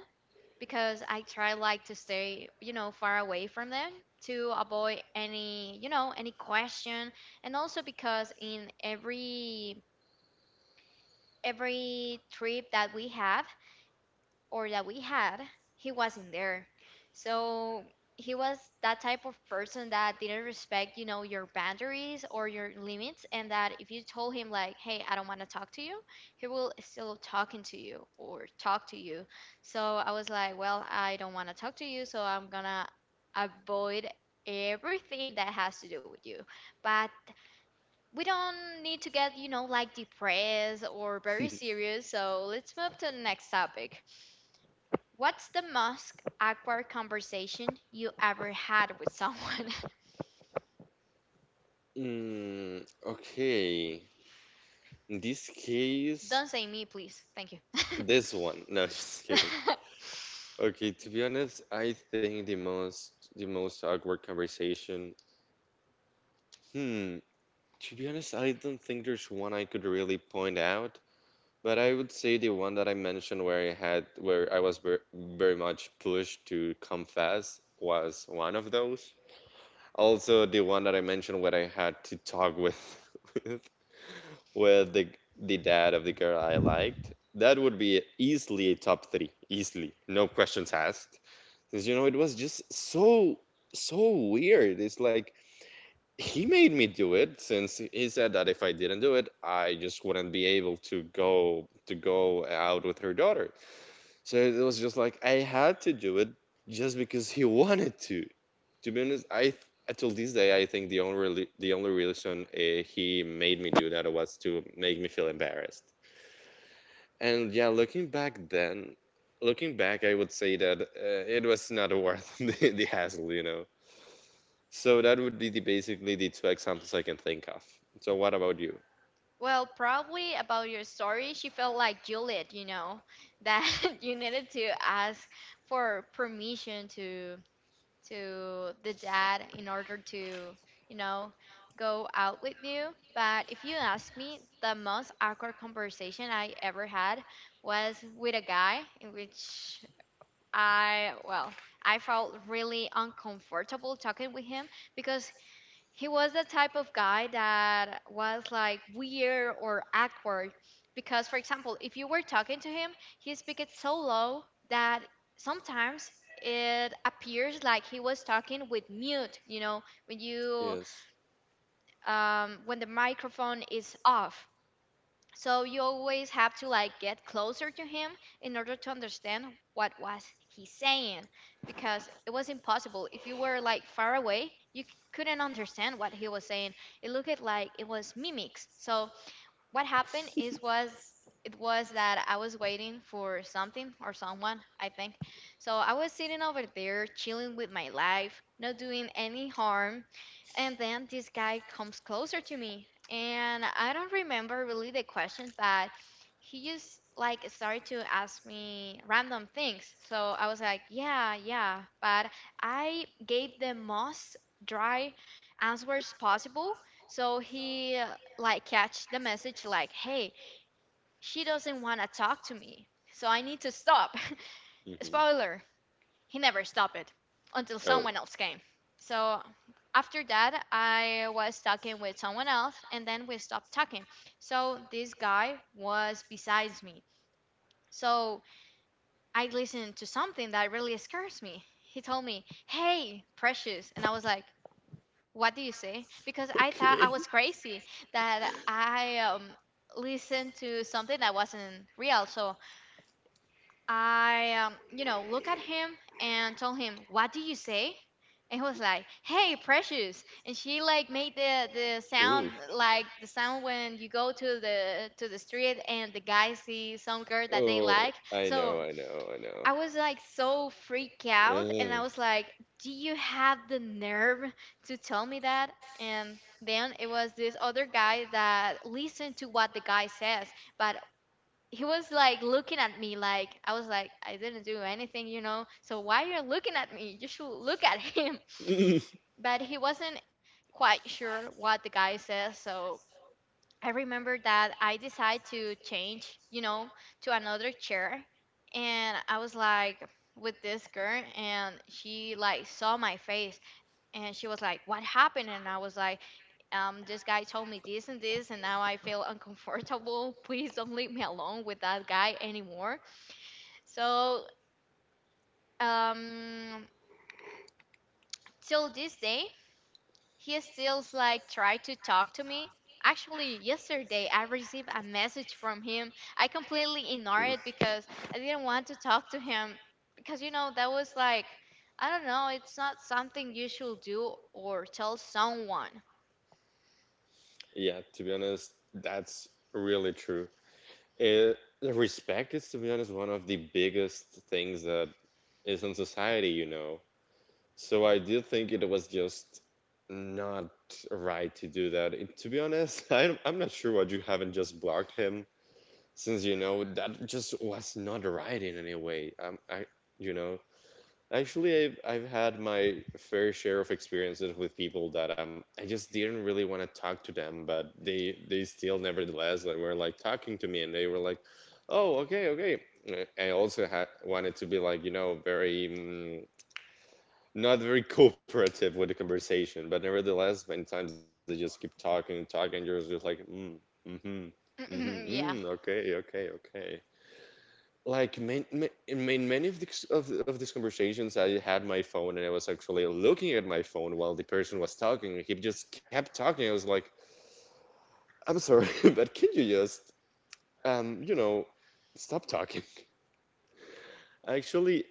A: because I try like to stay, far away from them to avoid any question, and also because in every trip that we have, or that we had, he wasn't there. So he was that type of person that didn't respect, your boundaries or your limits, and that if you told him like, "Hey, I don't want to talk to you," he will still talking to you or talk to you. So I was like, "Well, I don't want to talk to you, so I'm gonna avoid" everything that has to do with you, but we don't need to get like depressed or very serious. So let's move to the next topic. What's the most awkward conversation you ever had with someone?
B: Mm, okay. In this case,
A: Don't say me, please. Thank you.
B: this one. No, just kidding. Okay, to be honest, I think the most awkward conversation, Hmm, to be honest, I don't think there's one I could really point out, but I would say the one that I mentioned where I had where I was very much pushed to come fast was one of those. Also, the one that I mentioned where I had to talk with with, with the dad of the girl I liked. That would be easily a top three, easily, no questions asked. Because, you know, it was just so weird. It's like he made me do it, since he said that if I didn't do it, I just wouldn't be able to go out with her daughter. So it was just like I had to do it just because he wanted to. To be honest, till this day I think the only reason he made me do that was to make me feel embarrassed. And yeah, looking back, I would say that it was not worth the hassle, you know. So that would be the, basically the two examples I can think of. So what about you?
A: Well, probably about your story, she felt like Juliet, that you needed to ask for permission to the dad in order to, you know, go out with you. But if you ask me, the most awkward conversation I ever had was with a guy in which I, well, I felt really uncomfortable talking with him because he was the type of guy that was like weird or awkward. Because, for example, if you were talking to him, he speaks so low that sometimes it appears like he was talking with mute, when the microphone is off. So you always have to like get closer to him in order to understand what was he saying because it was impossible. If you were like far away, couldn't understand what he was saying. It looked like it was mimics. So what happened is was it was that I was waiting for something or someone, I think. So I was sitting over there chilling with my life, not doing any harm, and then this guy comes closer to me. And I don't remember really the question, but he just like started to ask me random things. So I was like, yeah, yeah, but I gave the most dry answers possible. So he like catch the message like, hey, she doesn't want to talk to me, so I need to stop.
B: hmm
A: Spoiler, he never stopped it until
B: Oh,
A: someone else came. So after that, I was talking with someone else and then we stopped talking. So this guy was besides me. So I listened to something that really scares me. He told me, "Hey, precious." And I was like, "What do you say?" Because I thought I was crazy that I listened to something that wasn't real. So I, look at him and told him, "What do you say?" And he was like, "Hey, precious!" And she like made the sound, like the sound when you go to the street and the guys see some girl that they
B: oh,
A: like.
B: I know,
A: So
B: I know, I
A: I
B: know.
A: was like so freaked out and I was like, "Do you have the nerve to tell me that?" And then it was this other guy that listened to what the guy says, but he was like looking at me like I was like, "I didn't do anything. So why you are you looking at me? You should look at him." But he wasn't quite sure what the guy says, so I remember that I decided to change, to another chair. And I was like with this girl and she like saw my face and she was like, "What happened?" And I was like, this guy told me this and this, and now I feel uncomfortable. Please don't leave me alone with that guy anymore. So, um, till this day, he stills like tried to talk to me. Actually, yesterday I received a message from him. I completely
B: Ugh.
A: ignored it because
B: Mm.
A: I didn't want to talk to him because that was like, I don't know, it's not something you should do or tell someone.
B: Yeah, to be honest, that's really true. It, respect is, to be honest, one of the biggest things that is in society, you know. So I do think it was just not right to do that. To be honest, I'm not sure why you haven't just blocked him, since, that just was not right in any way. You know, Actually, I've, had my fair share of experiences with people that I just didn't really want to talk to them, but they still nevertheless, like, were like, talking to me, and they were like, "Oh, okay, okay." I also had wanted to be, like, you know, very not very cooperative with the conversation, but nevertheless, many times they just keep talking and talking, you're just like, mm, mm-hmm, mm-hmm, mm,
A: Yeah.
B: okay, okay, okay, like, man, in many of these of these conversations I had my phone and I was actually looking at my phone while the person was talking. He just kept talking. I was like, I'm sorry, but can you just um you know stop talking? Actually,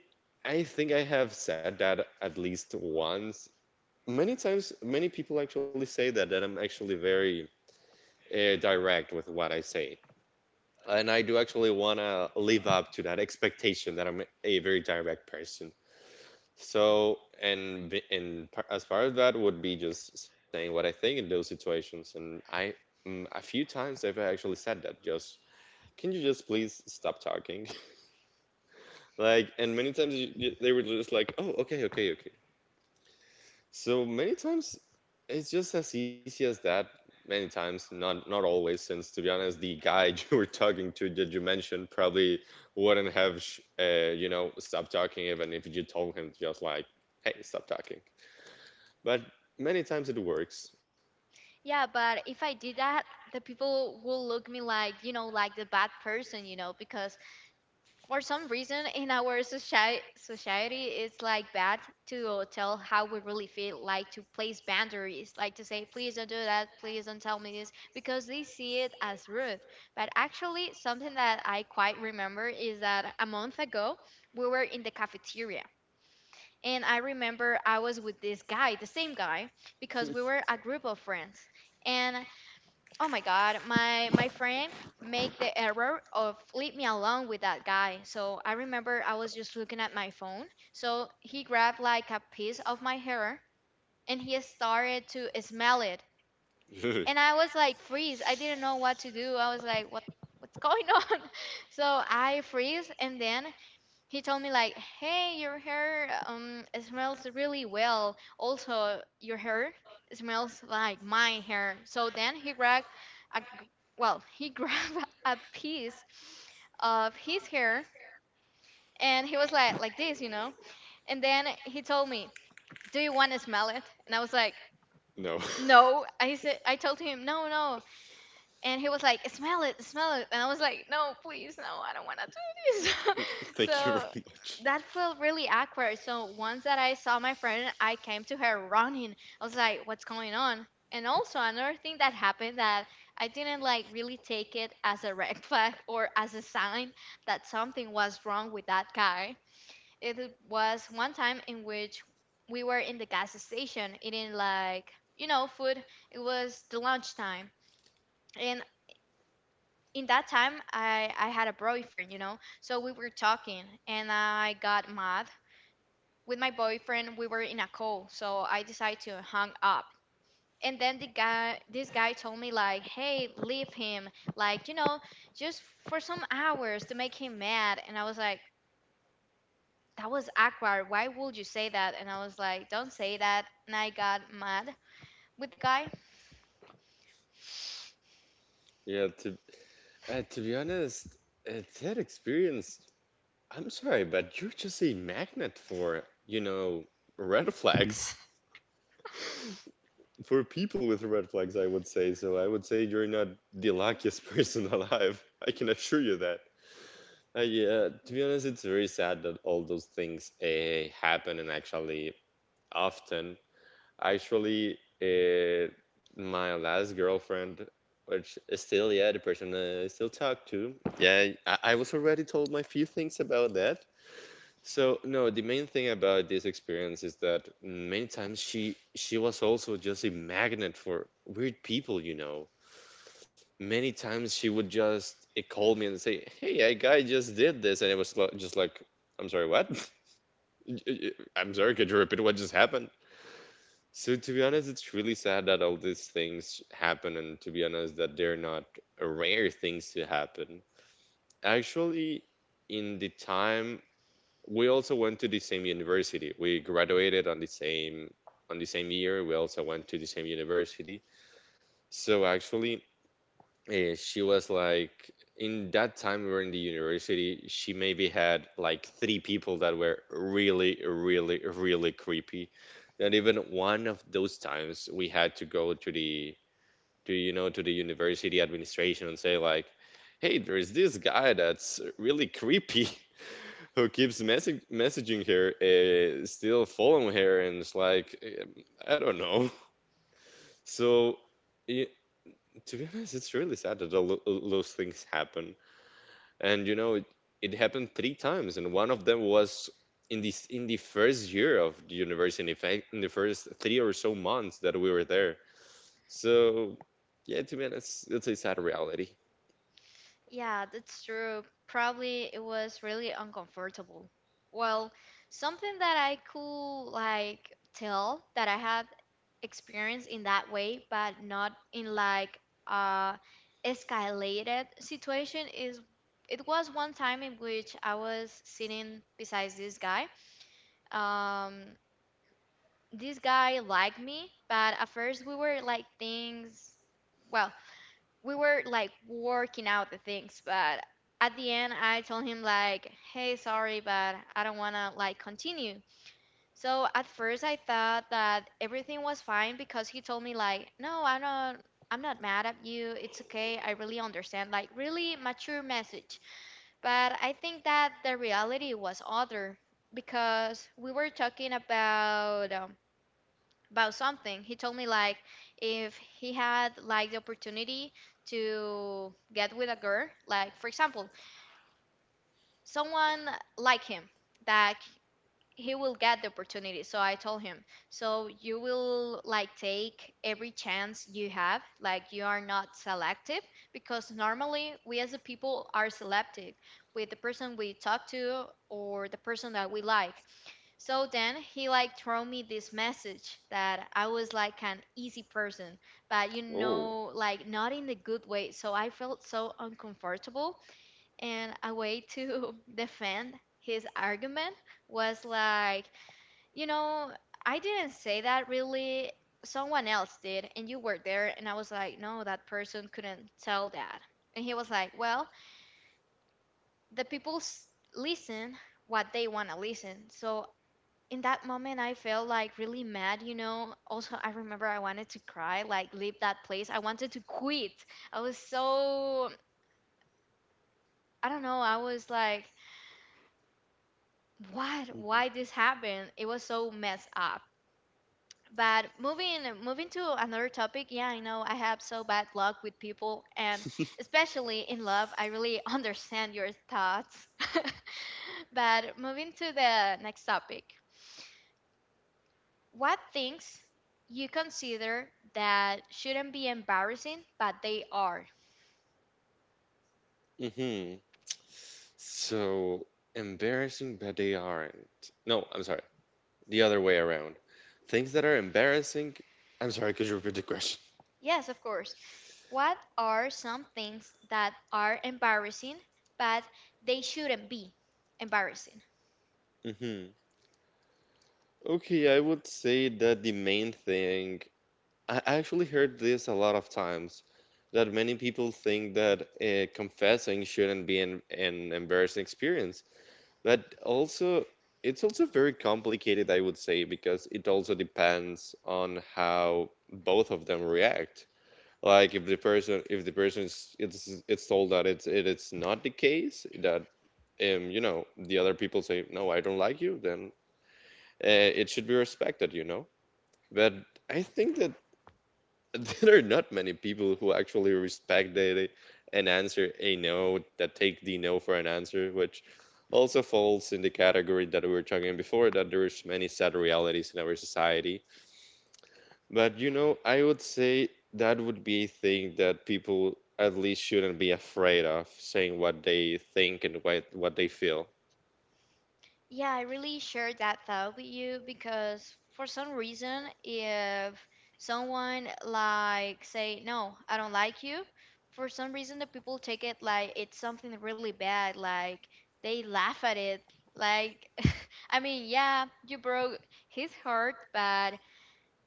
B: I think I have said that at least once. Many times many people actually say that I'm actually very direct with what I say, and I do actually want to live up to that expectation that I'm a very direct person. So, and b- and par- as far as that would be just saying what I think in those situations. And I, a few times I've actually said that. Just, can you just please stop talking? Like, and many times they were just like, oh, okay, okay, okay. So many times it's just as easy as that. Many times, not always, since, to be honest, the guy you were talking to that you mentioned probably wouldn't have, you know, stopped talking even if you told him just like, hey, stop talking. But many times it works.
A: Yeah, but if I did that, the people will look me like, like the bad person, because for some reason in our society it's like bad to tell how we really feel, like to place boundaries, like to say please don't do that, please don't tell me this, because they see it as rude. But actually, something that I quite remember is that a month ago we were in the cafeteria, and I remember I was with this guy, the same guy, because we were a group of friends. And oh my god, my friend made the error of leave me alone with that guy. So I remember I was just looking at my phone. So he grabbed like a piece of my hair and he started to smell it.
B: No,
A: And I was like freeze. I didn't know what to do. I was like, what's going on? So I freeze and then he told me like, "Hey, your hair it smells really well. Also, your hair smells like my hair." So then he grabbed a g- well, he grabbed a piece of his hair and he was like this. And then he told me, "Do you want to smell it?" And I was like, "No." I told him, "No, no, and he was like, smell it, smell it, and I was like, no, please, no, I don't want to do this.
B: thank you
A: So
B: very much.
A: that felt really awkward. So once that I saw my friend, I came to her running. I was like, what's going on? And also another thing that happened that I didn't like really take it as a red flag or as a sign that something was wrong with that guy, it was one time in which we were in the gas station eating like, food. It was the lunchtime, and in that time I had a boyfriend. So we were talking and I got mad with my boyfriend. We were in a call, so I decided to hang up. And then the guy this guy told me like, "Hey, leave him. Like, just for some hours to make him mad." And I was like, "That was awkward. Why would you say that?" And I was like, "Don't say that." And I got mad with the guy.
B: Yeah, to be honest, that experience. I'm sorry, but you're just a magnet for, red flags, for people with red flags. I would say so. I would say you're not the luckiest person alive. I can assure you that. Yeah, to be honest, it's very sad that all those things happen, and actually often. Actually, my last girlfriend, which is still, yeah, the person I still talk to, yeah, I was already told my few things about that. So no, the main thing about this experience is that many times she was also just a magnet for weird people, you know. Many times she would just call me and say, "Hey, a guy just did this," and it was just like, "I'm sorry, what? Y- y- I'm sorry, could you repeat what just happened?" So to be honest, it's really sad that all these things happen, and to be honest, that they're not rare things to happen. Actually, in the time we also went to the same university. We graduated on the same year. We also went to the same university. So actually, she was like, in that time we were in the university, she maybe had like three people that were really really creepy, and even one of those times we had to go to the to to the university administration and say, like, hey, there's this guy that's really creepy who keeps message messaging her, still following her, and it's like, I don't know. So yeah, to be honest, it's really sad that all those things happen, and it happened three times, and one of them was in the first year of the university, in fact in the first 3 or so months that we were there. So yeah, to be honest, it's a sad reality.
A: Yeah, that's true. Probably it was really uncomfortable. Well, something that I could like tell that I have experienced in that way, but not in like uh escalated situation, is it was one time in which I was sitting beside this guy. Um, this guy liked me, but at first we were like things. Well, we were like working out the things, but at the end I told him like, "Hey, sorry, but I don't want to like continue." So at first I thought that everything was fine because he told me like, "No, I'm not mad at you. It's okay. I really understand." Like really mature message. But I think that the reality was other because we were talking about something. He told me like if he had like the opportunity to get with a girl, like for example, someone like him that he will get the opportunity. So I told him, so you will like take every chance you have, like you are not selective because normally we as a people are selective with the person we talk to or the person that we like. So then he like throw me this message that I was like an easy person, but
B: Oh,
A: like not in the good way. So I felt so uncomfortable, and a way to defend his argument was like, you know, I didn't say that really. Someone else did, and you were there, and I was like, no, that person couldn't tell that. And he was like, well, the people listen what they want to listen. So in that moment I felt like really mad. Also, I remember I wanted to cry, like leave that place. I wanted to quit. I was so I don't know. I was like, what? Why this happened? It was so messed up. But moving to another topic, yeah, I know I have so bad luck with people and especially in love. I really understand your thoughts. But moving to the next topic. What things you consider that shouldn't be embarrassing, but they are?
B: hmm so embarrassing, but they aren't. No, I'm sorry, the other way around. Things that are embarrassing. I'm sorry, could you repeat the question?
A: Yes, of course. What are some things that are embarrassing, but they shouldn't be embarrassing?
B: hmm Okay, I would say that the main thing, I actually heard this a lot of times, that many people think that confessing shouldn't be an embarrassing experience. But also, it's also very complicated, I would say, because it also depends on how both of them react. Like, if the person is it's told, that it's it's not the case that the other people say, no, I don't like you, then uh, it should be respected, you know? But I think that there are not many people who actually respect an answer, a no, that take the no for an answer, which also falls in the category that we were talking before, that there's many sad realities in our society. But, you know, I would say that would be a thing that people at least shouldn't be afraid of saying what they think and what they feel.
A: Yeah, I really share that thought with you because for some reason, if someone like say no, I don't like you, for some reason the people take it like it's something really bad, like they laugh at it. Like, I mean, yeah, you broke his heart, but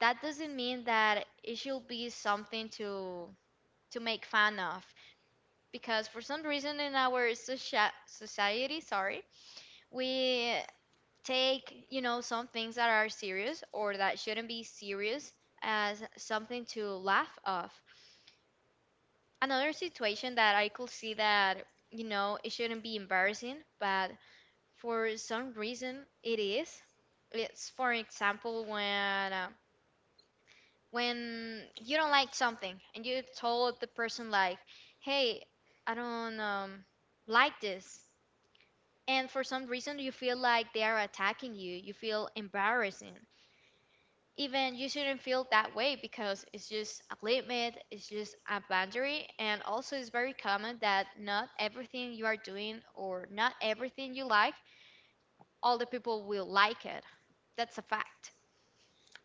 A: that doesn't mean that it should be something to make fun of because for some reason in our socia society, sorry, we take some things that are serious or that shouldn't be serious as something to laugh off. Another situation that I could see that it shouldn't be embarrassing, but for some reason it is. It's, for example, when you don't like something and you told the person like, hey, I don't like this, and for some reason you feel like they are attacking you feel embarrassing even you shouldn't feel that way because it's just a limit, it's just a boundary, and also it's very common that not everything you are doing or not everything you like, all the people will like it. That's a fact.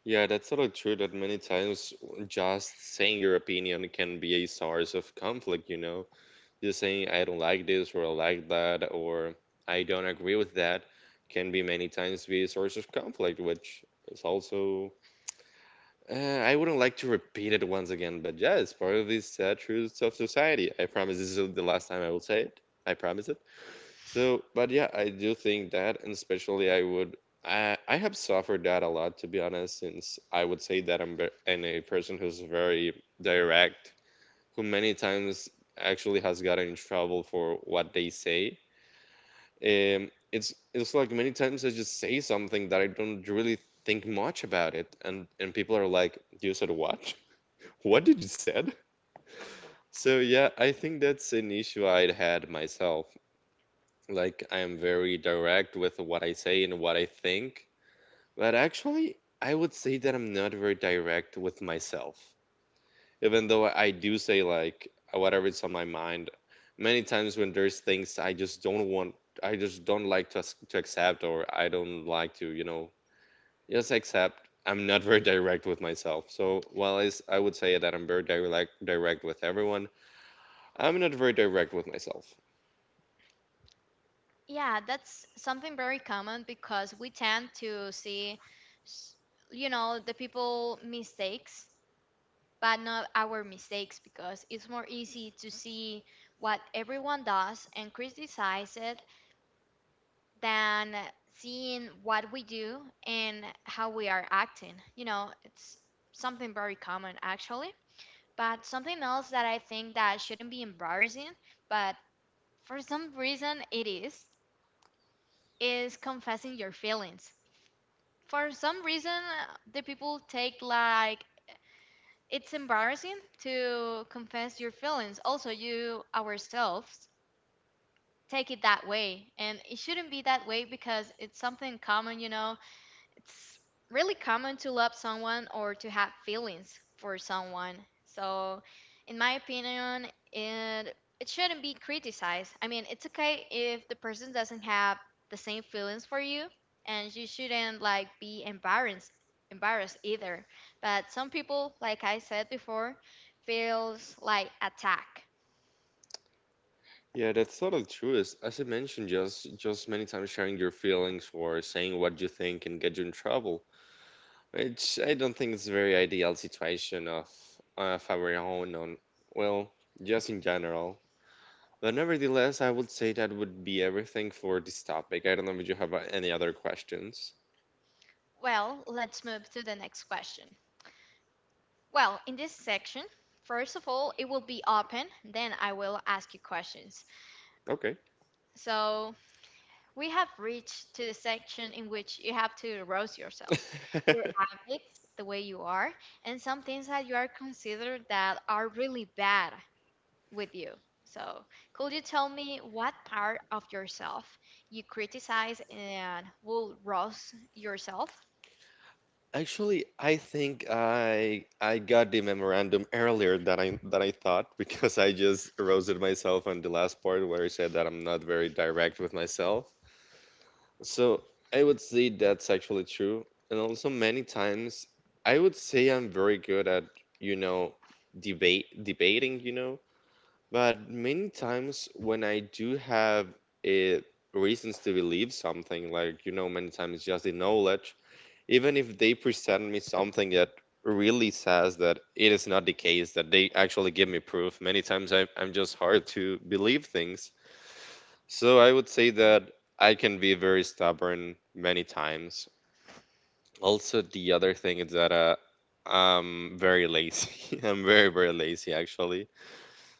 B: Yeah, that's sort of true that many times just saying your opinion can be a source of conflict, you know? Just saying, I don't like this, or I like that, or I don't agree with that can be many times be a source of conflict, which is also. I wouldn't like to repeat it once again, but yeah, it's part of these truths of society. I promise this is the last time I will say it. I promise it. So, but yeah, I do think that, and especially I would, I have suffered that a lot, to be honest, since I would say that I'm ve- and a person who's very direct, who many times actually has gotten in trouble for what they say. It's like many times I just say something that I don't really think much about it, and people are like, "You said what? What did you said?" So yeah, I think that's an issue I'd had myself. Like I am very direct with what I say and what I think. But actually, I would say that I'm not very direct with myself. Even though I do say like whatever is on my mind, many times when there's things I just don't want, I just don't like to accept or I don't like to, just accept. I'm not very direct with myself. So while I would say that I'm very direct with everyone, I'm not very direct with myself.
A: Yeah, that's something very common because we tend to see, s- you know, the people mistakes, but not our mistakes because it's more easy to see what everyone does and criticize it than seeing what we do and how we are acting. You know, it's something very common actually. But something else that I think that shouldn't be embarrassing, but for some reason it is confessing your feelings. For some reason, the people take like it's embarrassing to confess your feelings. Also, you ourselves take it that way, and it shouldn't be that way because it's something common, you know it's really common to love someone or to have feelings for someone. So, in my opinion, it shouldn't be criticized. I mean, it's okay if the person doesn't have the same feelings for you, and you shouldn't like be embarrassed either. But some people, like I said before, feels like attack.
B: Yeah, that's totally true. As I mentioned, just many times sharing your feelings or saying what you think can get you in trouble, which I don't think is a very ideal situation of our own on well, just in general. But nevertheless, I would say that would be everything for this topic. I don't know if you have any other questions.
A: Well, let's move to the next question. Well, in this section, first of all, it will be open, then I will ask you questions.
B: Okay.
A: So, we have reached to the section in which you have to roast yourself, your habits, the way you are, and some things that you are considered that are really bad with you. So, could you tell me what part of yourself you criticize and will roast yourself?
B: Actually, I think I got the memorandum earlier than I thought because I just roasted myself on the last part where I said that I'm not very direct with myself. So I would say that's actually true. And also many times I would say I'm very good at, you know, debate debating, you know, but many times when I do have eh, reasons to believe something, like, you know, many times just the knowledge even if they present me something that really says that it is not the case that they actually give me proof many times I'm just hard to believe things. So I would say that I can be very stubborn many times. Also, the other thing is that I'm very lazy. I'm very lazy, actually.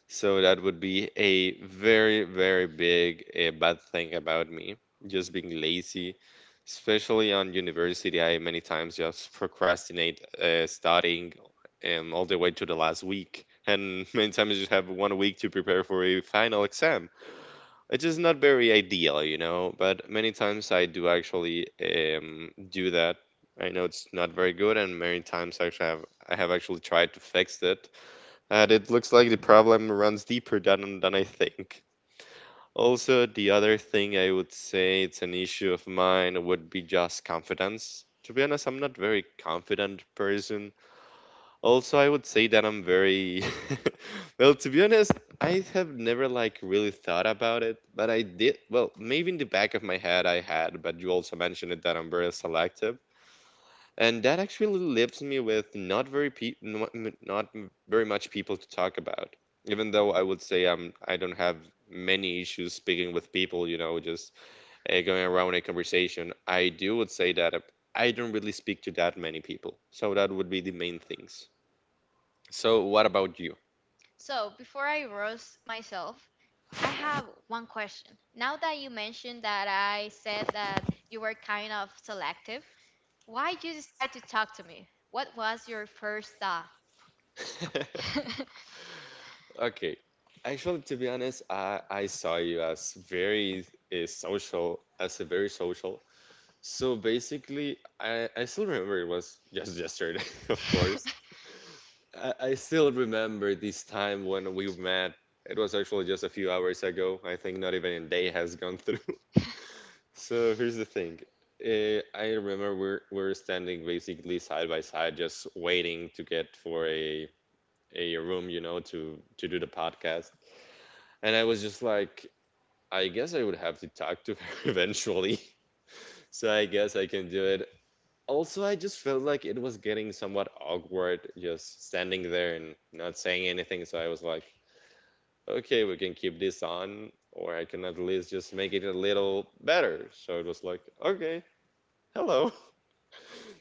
B: So that would be a very, very big bad thing about me, just being lazy. Especially on university, I many times just procrastinate studying all the way to the last week. And many times just have 1 week to prepare for a final exam. It's just not very ideal, you know, but many times I do actually do that. I know it's not very good, and many times I actually have I have actually tried to fix it, and it looks like the problem runs deeper than I think. Also, the other thing I would say it's an issue of mine would be just confidence. To be honest, I'm not very confident person. Also, I would say that I'm very well, to be honest, I have never like really thought about it, but I did. Well, maybe in the back of my head I had, but you also mentioned it that I'm very selective, and that actually leaves me with not very pe- not m- not m- very much people to talk about. Even though I would say I don't have many issues speaking with people, you know, just going around a conversation. I do would say that I don't really speak to that many people. So that would be the main things. So what about you?
A: So, before I roast myself, I have one question. Now that you mentioned that I said that you were kind of selective, why did you decide to talk to me? What was your first thought?
B: Okay. Actually, to be honest, I saw you as very social, as a very social. So basically, I still remember it was just yesterday, of course. I still remember this time when we met. It was actually just a few hours ago. I think not even a day has gone through. So here's the thing. I remember we're standing basically side by side, just waiting to get for a room, you know, to do the podcast. And I was just like, I guess I would have to talk to her eventually. So I guess I can do it. Also, I just felt like it was getting somewhat awkward just standing there and not saying anything. So I was like, okay, we can keep this on, or I can at least just make it a little better. So it was like, okay, hello.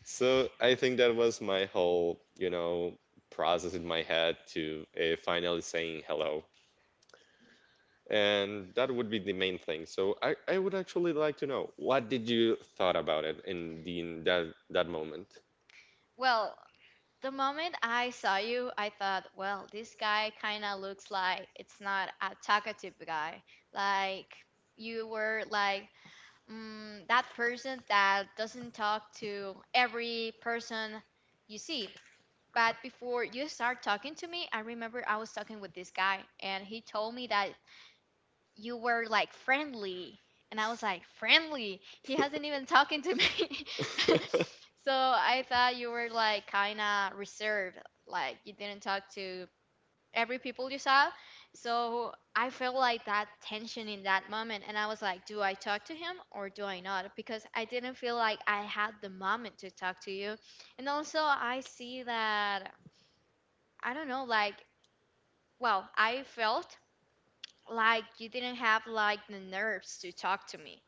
B: So I think that was my whole, you know, process in my head to finally saying hello. And that would be the main thing. So I would actually like to know what did you thought about it in the in that moment?
A: Well, the moment I saw you, I thought, well, this guy kind of looks like it's not a talkative guy. Like, you were like that person that doesn't talk to every person you see. But before you start talking to me, I remember I was talking with this guy and he told me that you were like friendly. And I was like, friendly? He hasn't even talking to me. So I thought you were like kind of reserved, like you didn't talk to every people you saw. So I felt like that tension in that moment and I was like, do I talk to him or do I not? Because I didn't feel like I had the moment to talk to you. And also I see that I don't know, like, well, I felt like you didn't have like the nerves to talk to me.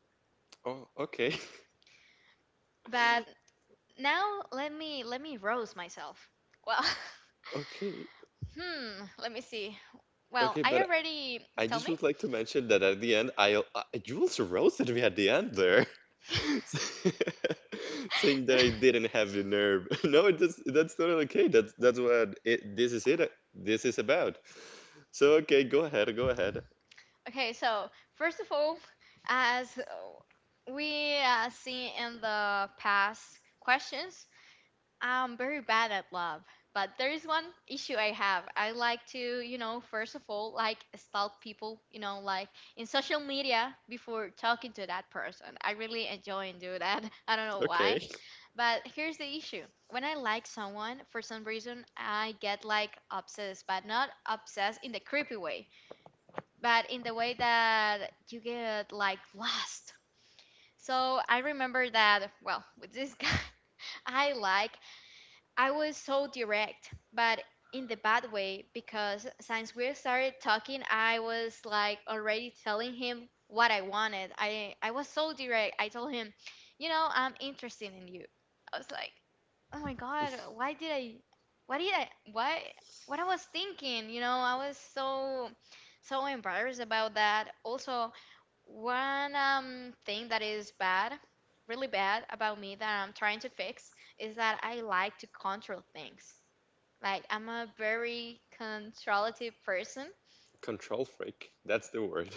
B: Oh, okay.
A: But now let me rouse myself. Well,
B: Okay,
A: let me see. Well,
B: okay,
A: I
B: but
A: already
B: I
A: tell
B: just
A: me.
B: would like to mention that at the end, I Jules roasted me at the end there, saying that I didn't have the nerve. No, it does, that's totally okay. That's what it. This is about. So okay, go ahead, go ahead.
A: Okay, so first of all, as we see in the past questions, I'm very bad at love, but there is one issue I have. I like to, first of all, like stalk people, like in social media before talking to that person. I really enjoy and do that. I don't know why,
B: Okay,
A: but here's the issue. When I like someone, for some reason, I get like obsessed, but not obsessed in the creepy way, but in the way that you get like lost. So I remember that, well, with this guy, I like I was so direct, but in the bad way because since we started talking, I was like already telling him what I wanted. I was so direct. I told him, you know, I'm interested in you. I was like, oh my god, why did I, why did I, why, what I was thinking? You know, I was so embarrassed about that. Also, one thing that is bad, really bad about me that I'm trying to fix is that I like to control things. Like, I'm a very controlative person.
B: control freak. That's the word.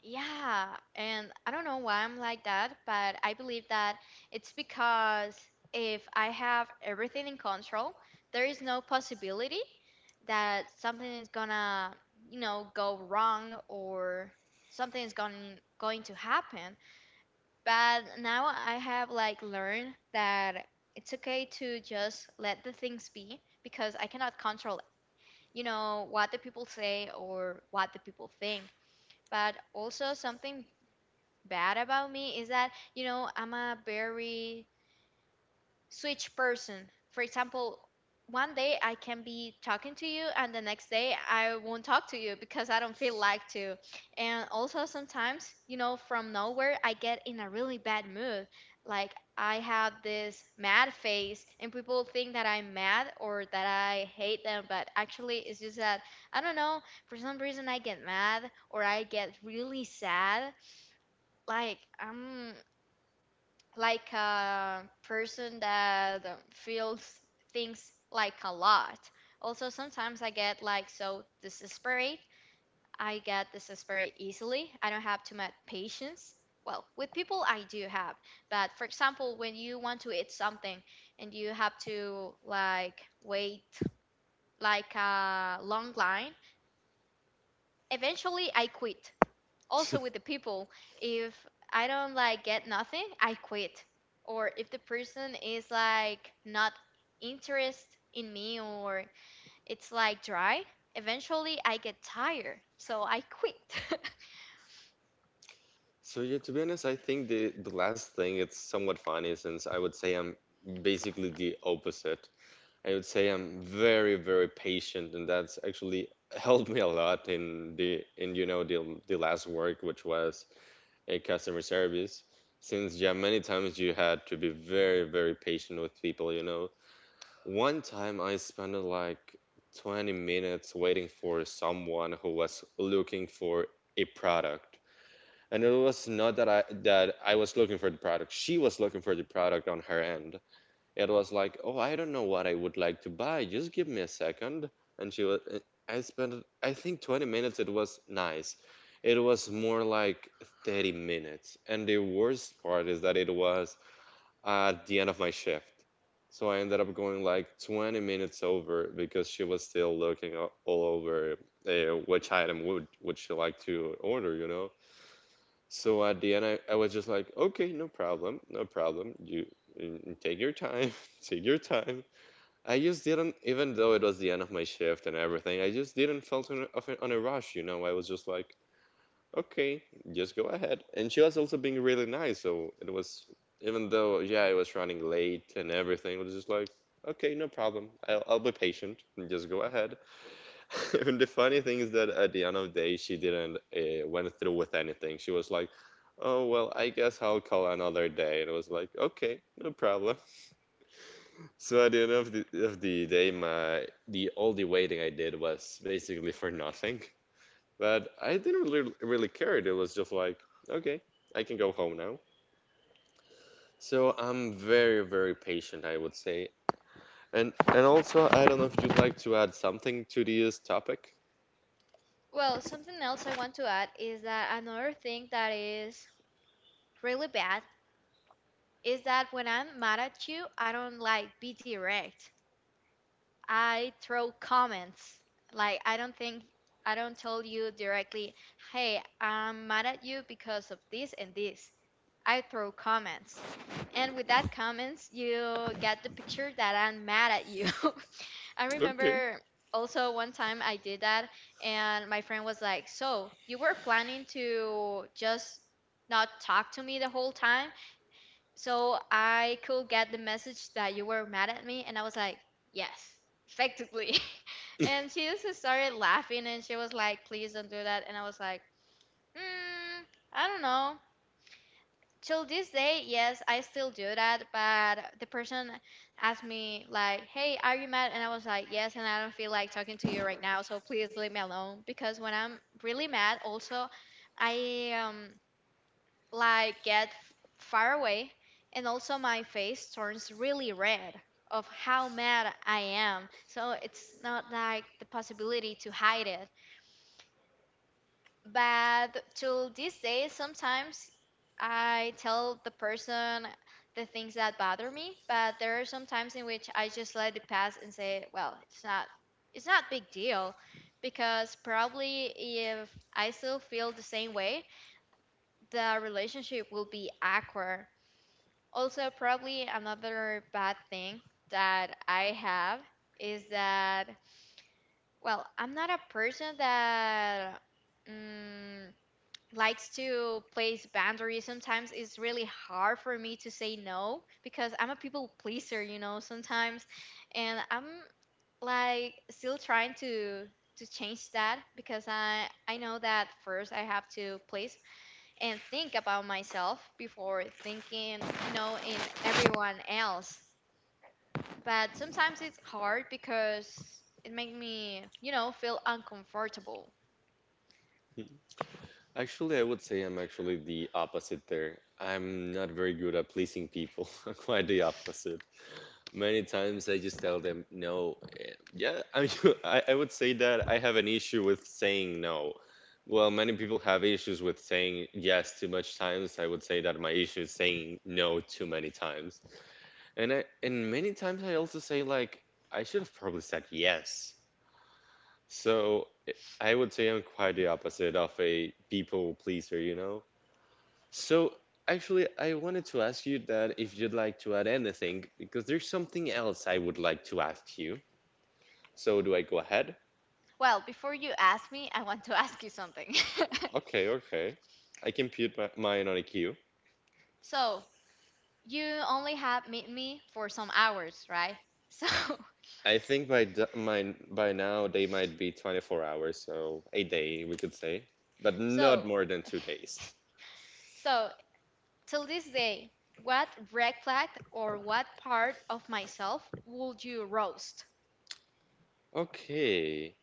A: Yeah, and I don't know why I'm like that, but I believe that it's because if I have everything in control, there is no possibility that something is gonna, go wrong or something is going to happen. But now I have like learned that it's okay to just let the things be because I cannot control it, you know, what the people say or what the people think. But also something bad about me is that, I'm a very switch person. For example, one day I can be talking to you, and the next day I won't talk to you because I don't feel like to. And also, sometimes, from nowhere, I get in a really bad mood. Like, I have this mad face, and people think that I'm mad or that I hate them, but actually, it's just that I don't know. For some reason, I get mad or I get really sad. Like, I'm like a person that feels things like a lot. Also, sometimes I get like so desperate. I get desperate easily. I don't have too much patience. Well, with people, I do have. But for example, when you want to eat something and you have to like wait like a long line, eventually I quit. Also, with the people, if I don't like get nothing, I quit, or if the person is like not interest in me or it's like dry, eventually I get tired, so I quit.
B: So yeah, to be honest, I think the last thing it's somewhat funny since I would say I'm basically the opposite. I would say I'm very, very patient, and that's actually helped me a lot in the in you know the last work, which was a customer service. Since yeah, many times you had to be very, very patient with people, you know. One time I spent like 20 minutes waiting for someone who was looking for a product. And it was not that I was looking for the product. She was looking for the product on her end. It was like, oh, I don't know what I would like to buy. Just give me a second. And she was, I spent, I think 20 minutes. It was nice. It was more like 30 minutes. And the worst part is that it was at the end of my shift. So I ended up going like 20 minutes over because she was still looking all over uh, which item would she like to order, you know? So at the end, I was just like, okay, no problem, no problem. You take your time, take your time. I just didn't, even though it was the end of my shift and everything, I just didn't felt on, on a rush, you know. I was just like, okay, just go ahead. And she was also being really nice, so it was, even though, yeah, I was running late and everything, it was just like, okay, no problem. I'll be patient and just go ahead. And the funny thing is that at the end of the day, she didn't went through with anything. She was like, "Oh well, I guess I'll call another day." And I was like, "Okay, no problem." So at the end of the day, my the all the waiting I did was basically for nothing. But I didn't really care. It was just like, "Okay, I can go home now." So I'm very patient, I would say. And also, I don't know if you'd like to add something to this topic.
A: Well, something else I want to add is that another thing that is really bad is that when I'm mad at you, I don't like be direct, I throw comments. Like I don't think, I don't tell you directly, "Hey, I'm mad at you because of this and this." I throw comments. And with that comments, you get the picture that I'm mad at you. I
B: Okay.
A: remember also one time I did that and my friend was like, "So, you were planning to just not talk to me the whole time?" So I could get the message that you were mad at me, and I was like, yes, effectively. And she just started laughing, and she was like, please don't do that. And I was like, mm, I don't know. Till this day, yes, I still do that. But the person asked me like, hey, are you mad? And I was like, yes, and I don't feel like talking to you right now, so please leave me alone. Because when I'm really mad, also, I like get far away, and also my face turns really red of how mad I am, so it's not like the possibility to hide it. But till this day, sometimes I tell the person the things that bother me, but there are some times in which I just let it pass and say, well, it's not big deal because probably if I still feel the same way, the relationship will be awkward. Also, probably another bad thing that I have is that, well, I'm not a person that mm, likes to place boundaries. Sometimes it's really hard for me to say no because I'm a people pleaser, sometimes. And I'm like still trying to change that because I know that first I have to place and think about myself before thinking, in everyone else. But sometimes it's hard because it makes me, feel uncomfortable.
B: Actually, I would say I'm actually the opposite there. I'm not very good at pleasing people. I'm quite the opposite. Many times I just tell them no. Yeah, I mean, I would say that I have an issue with saying no. Well, many people have issues with saying yes too much times. I would say that my issue is saying no too many times. And many times I also say like I should have probably said yes. So I would say I'm quite the opposite of a people pleaser, you know? So actually, I wanted to ask you that if you'd like to add anything, because there's something else I would like to ask you. So do I go ahead?
A: Well, before you ask me, I want to ask you something.
B: Okay, okay. I can put mine on a queue.
A: So, you only have met me for some hours, right? So,
B: I think mine by now they might be 24 hours, so a day we could say, but not
A: so,
B: more than 2 days.
A: so till this day, what red flag or what part of myself would you roast?
B: Okay.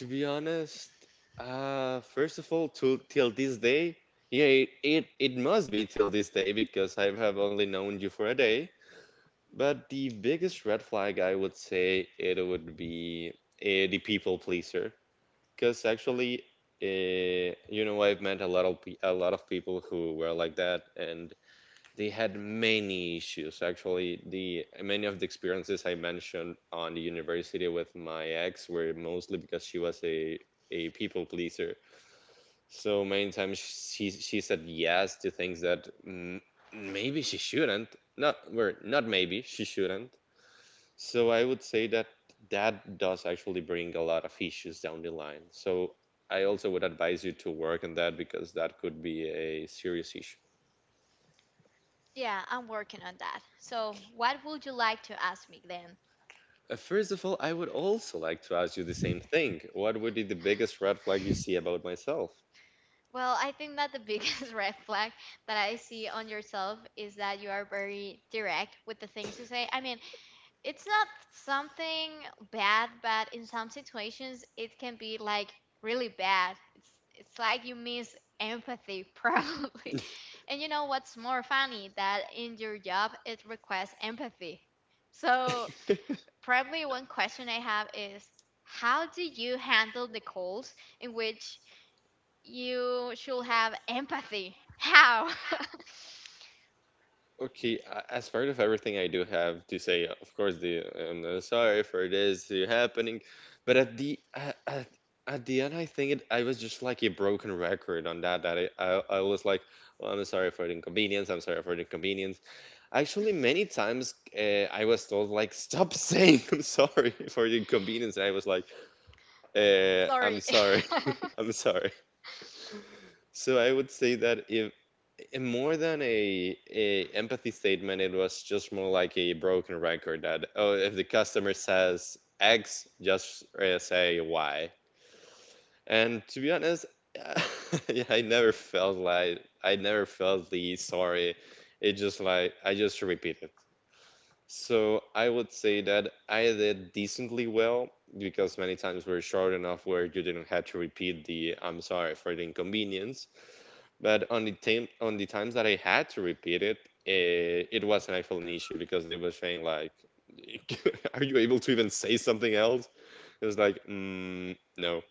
B: To be honest, first of all, to till this day, yeah, it must be till this day because I have only known you for a day. But the biggest red flag I would say it would be the people pleaser, because actually, you know, I've met a lot of a lot of people who were like that, and they had many issues. Actually, the many of the experiences I mentioned on the university with my ex were mostly because she was a people pleaser. So many times she said yes to things that mm, maybe she shouldn't. Not well, not maybe she shouldn't. So I would say that that does actually bring a lot of issues down the line. So I also would advise you to work on that because that could be a serious issue.
A: Yeah, I'm working on that. So, what would you like to ask me then?
B: First of all, I would also like to ask you the same thing. What would be the biggest red flag you see about myself?
A: Well, I think that the biggest red flag that I see on yourself is that you are very direct with the things you say. I mean, it's not something bad, but in some situations it can be like really bad. It's like you miss empathy probably. And you know what's more funny that in your job it requests empathy. So, probably one question I have is how do you handle the calls in which you should have empathy? How?
B: Okay, as part of everything, I do have to say, of course, the I'm sorry for this happening, but at the end, I think I was just like a broken record on that. That I was like, well, I'm sorry for the inconvenience. I'm sorry for the inconvenience. Actually, many times I was told like, stop saying I'm sorry for the inconvenience, and I was like, I'm
A: Sorry.
B: sorry. I'm sorry. So I would say that if more than a empathy statement, it was just more like a broken record that oh, if the customer says X, just say Y. And to be honest, yeah, I never felt like I never felt the sorry. It just like I just repeated. So I would say that I did decently well because many times were short enough where you didn't have to repeat the "I'm sorry for the inconvenience." But on the times that I had to repeat it, it was an actual an issue because they were saying like, "Are you able to even say something else?" It was like, "No."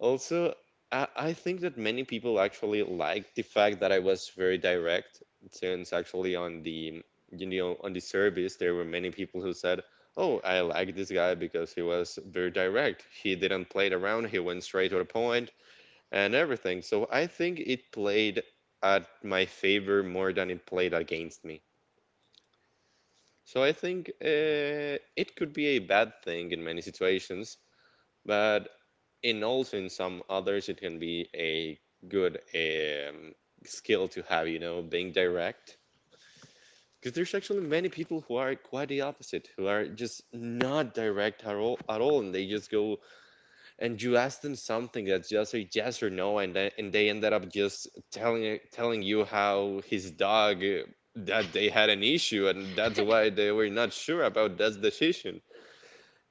B: Also, I think that many people actually liked the fact that I was very direct, since actually on the service there were many people who said, "Oh, I like this guy because he was very direct. He didn't play it around. He went straight to the point and everything." So I think it played at my favor more than it played against me. So I think it could be a bad thing in many situations, but and also in some others it can be a good skill to have, being direct because there's actually many people who are quite the opposite who are just not direct at all, at all, and they just go and you ask them something that's just a yes or no, and they ended up just telling you how his dog, that they had an issue, and that's why they were not sure about that decision,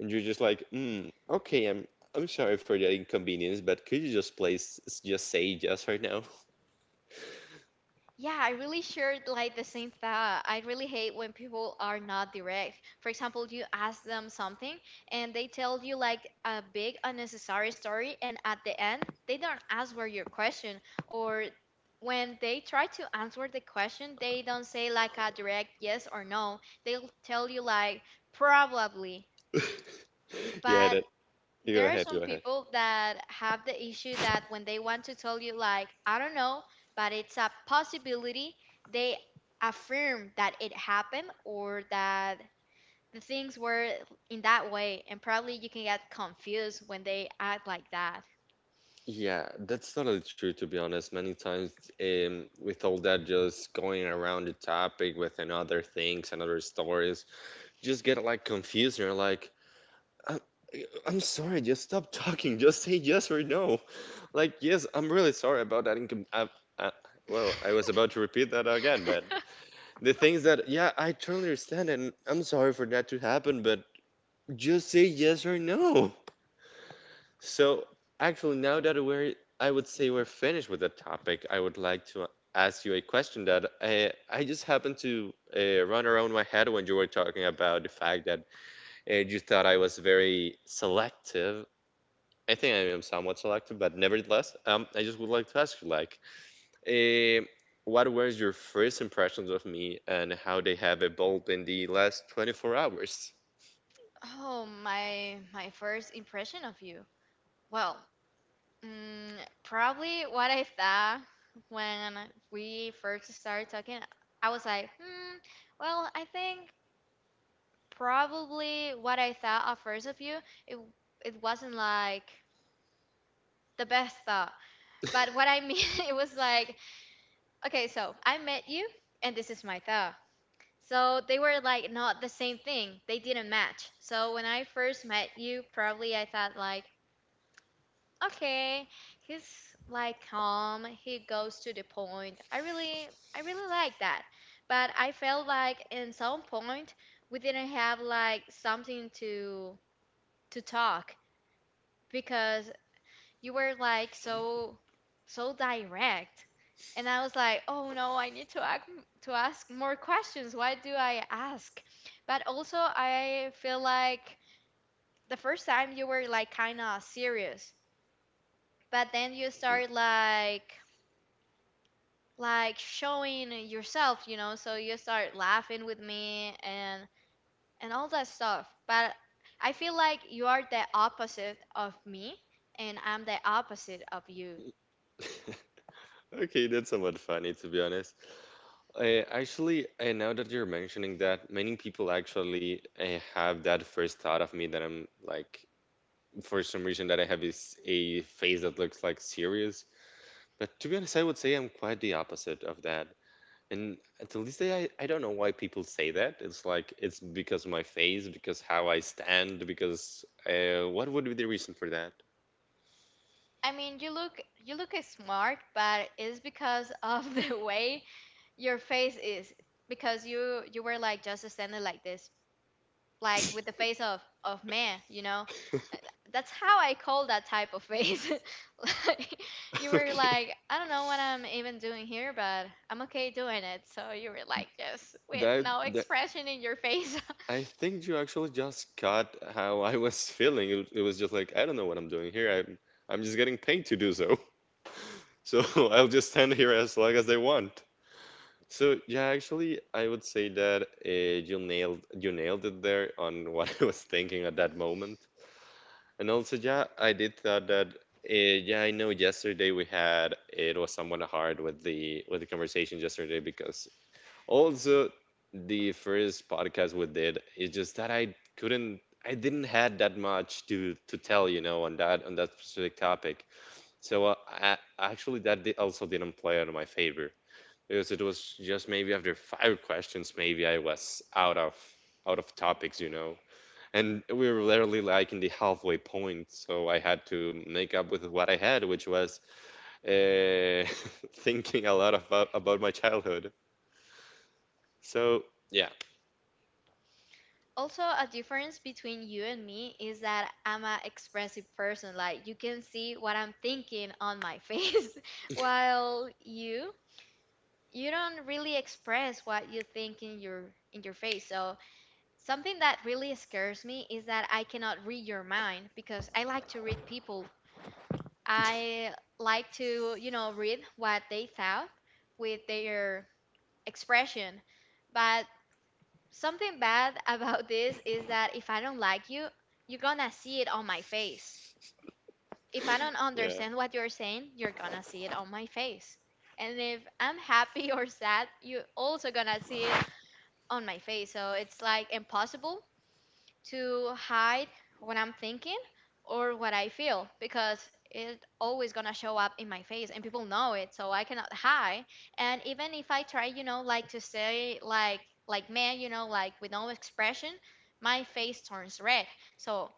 B: and you're just like, okay, I'm sorry for the inconvenience, but could you just please just say yes right now?
A: Yeah, I really shared like the same thought. I really hate when people are not direct. For example, you ask them something and they tell you like a big unnecessary story, and at the end, they don't answer your question. Or when they try to answer the question, they don't say like a direct yes or no. They'll tell you like probably.
B: Yeah,
A: But
B: that, you go
A: there are
B: ahead,
A: some
B: go ahead.
A: people that have the issue that when they want to tell you like, I don't know, but it's a possibility, they affirm that it happened or that the things were in that way, and probably you can get confused when they act like that.
B: Yeah, that's totally true to be honest. Many times, with all that just going around the topic with another things and other stories, just get like confused and you're like, I, I'm sorry, just stop talking, just say yes or no. Like, yes, I'm really sorry about that income. I, well, I was about to repeat that again, but the things that, yeah, I totally understand, and I'm sorry for that to happen, but just say yes or no. So, actually, now that we're, I would say we're finished with the topic, I would like to ask you a question that I just happened to run around my head when you were talking about the fact that you thought I was very selective. I think I am somewhat selective, but nevertheless, I just would like to ask you, like, Eh, what were your first impressions of me and how they have evolved in the last 24 hours?
A: Oh, my first impression of you, well, mm, probably what I thought when we first started talking, I was like, well, I think probably what I thought at first of you, it it wasn't like the best thought. But what I mean, it was like, okay, so I met you, and this is my thought. So they were like not the same thing. They didn't match. So when I first met you, probably I thought like, okay, he's like calm. He goes to the point. I really like that. But I felt like in some point we didn't have like something to talk because you were like so so direct, and I was like, oh no, I need to ask more questions, why do I ask? But also I feel like the first time you were like kind of serious, but then you start like showing yourself, so you start laughing with me, and all that stuff, but I feel like you are the opposite of me, and I'm the opposite of you.
B: Mhm. Okay, that's somewhat funny to be honest. Actually, now that you're mentioning that, many people actually have that first thought of me that I'm like, for some reason, that I have is a face that looks like serious. But to be honest, I would say I'm quite the opposite of that. And until this day, I don't know why people say that. It's like it's because of my face, because how I stand, because what would be the reason for that?
A: I mean, you look smart, but it's because of the way your face is. Because you were like just standing like this, like with the face of man. Uh, That's how I call that type of face. Like you were
B: Okay.
A: like, I don't know what I'm even doing here, but I'm okay doing it. So you were like just with
B: That,
A: no
B: that,
A: expression in your face.
B: I think you actually just caught how I was feeling. It was just like I don't know what I'm doing here. I'm just getting paid to do so. So I'll just stand here as long as they want. So yeah, actually, I would say that you nailed it there on what I was thinking at that moment. And also, yeah, I did thought that. Uh, yeah, I know. Yesterday we had it was somewhat hard with the conversation yesterday because also the first podcast we did is just that I didn't had that much to tell, on that specific topic. So actually that did also didn't play out in my favor because it was just maybe after five questions, maybe I was out of topics, you know. And we were literally like in the halfway point, so I had to make up with what I had, which was uh, thinking a lot about my childhood. So yeah,
A: Also, a difference between you and me is that I'm an expressive person. Like you can see what I'm thinking on my face, while you don't really express what you think in your face. So something that really scares me is that I cannot read your mind because I like to read people. I like to read what they thought with their expression, but something bad about this is that if I don't like you, you're gonna see it on my face. If I don't
B: yeah.
A: understand what you're saying, you're gonna see it on my face. And if I'm happy or sad, you're also gonna see it on my face. So it's like impossible to hide what I'm thinking or what I feel because it's always gonna show up in my face and people know it, so I cannot hide. And even if I try, like to say like man, like with no expression, my face turns red. So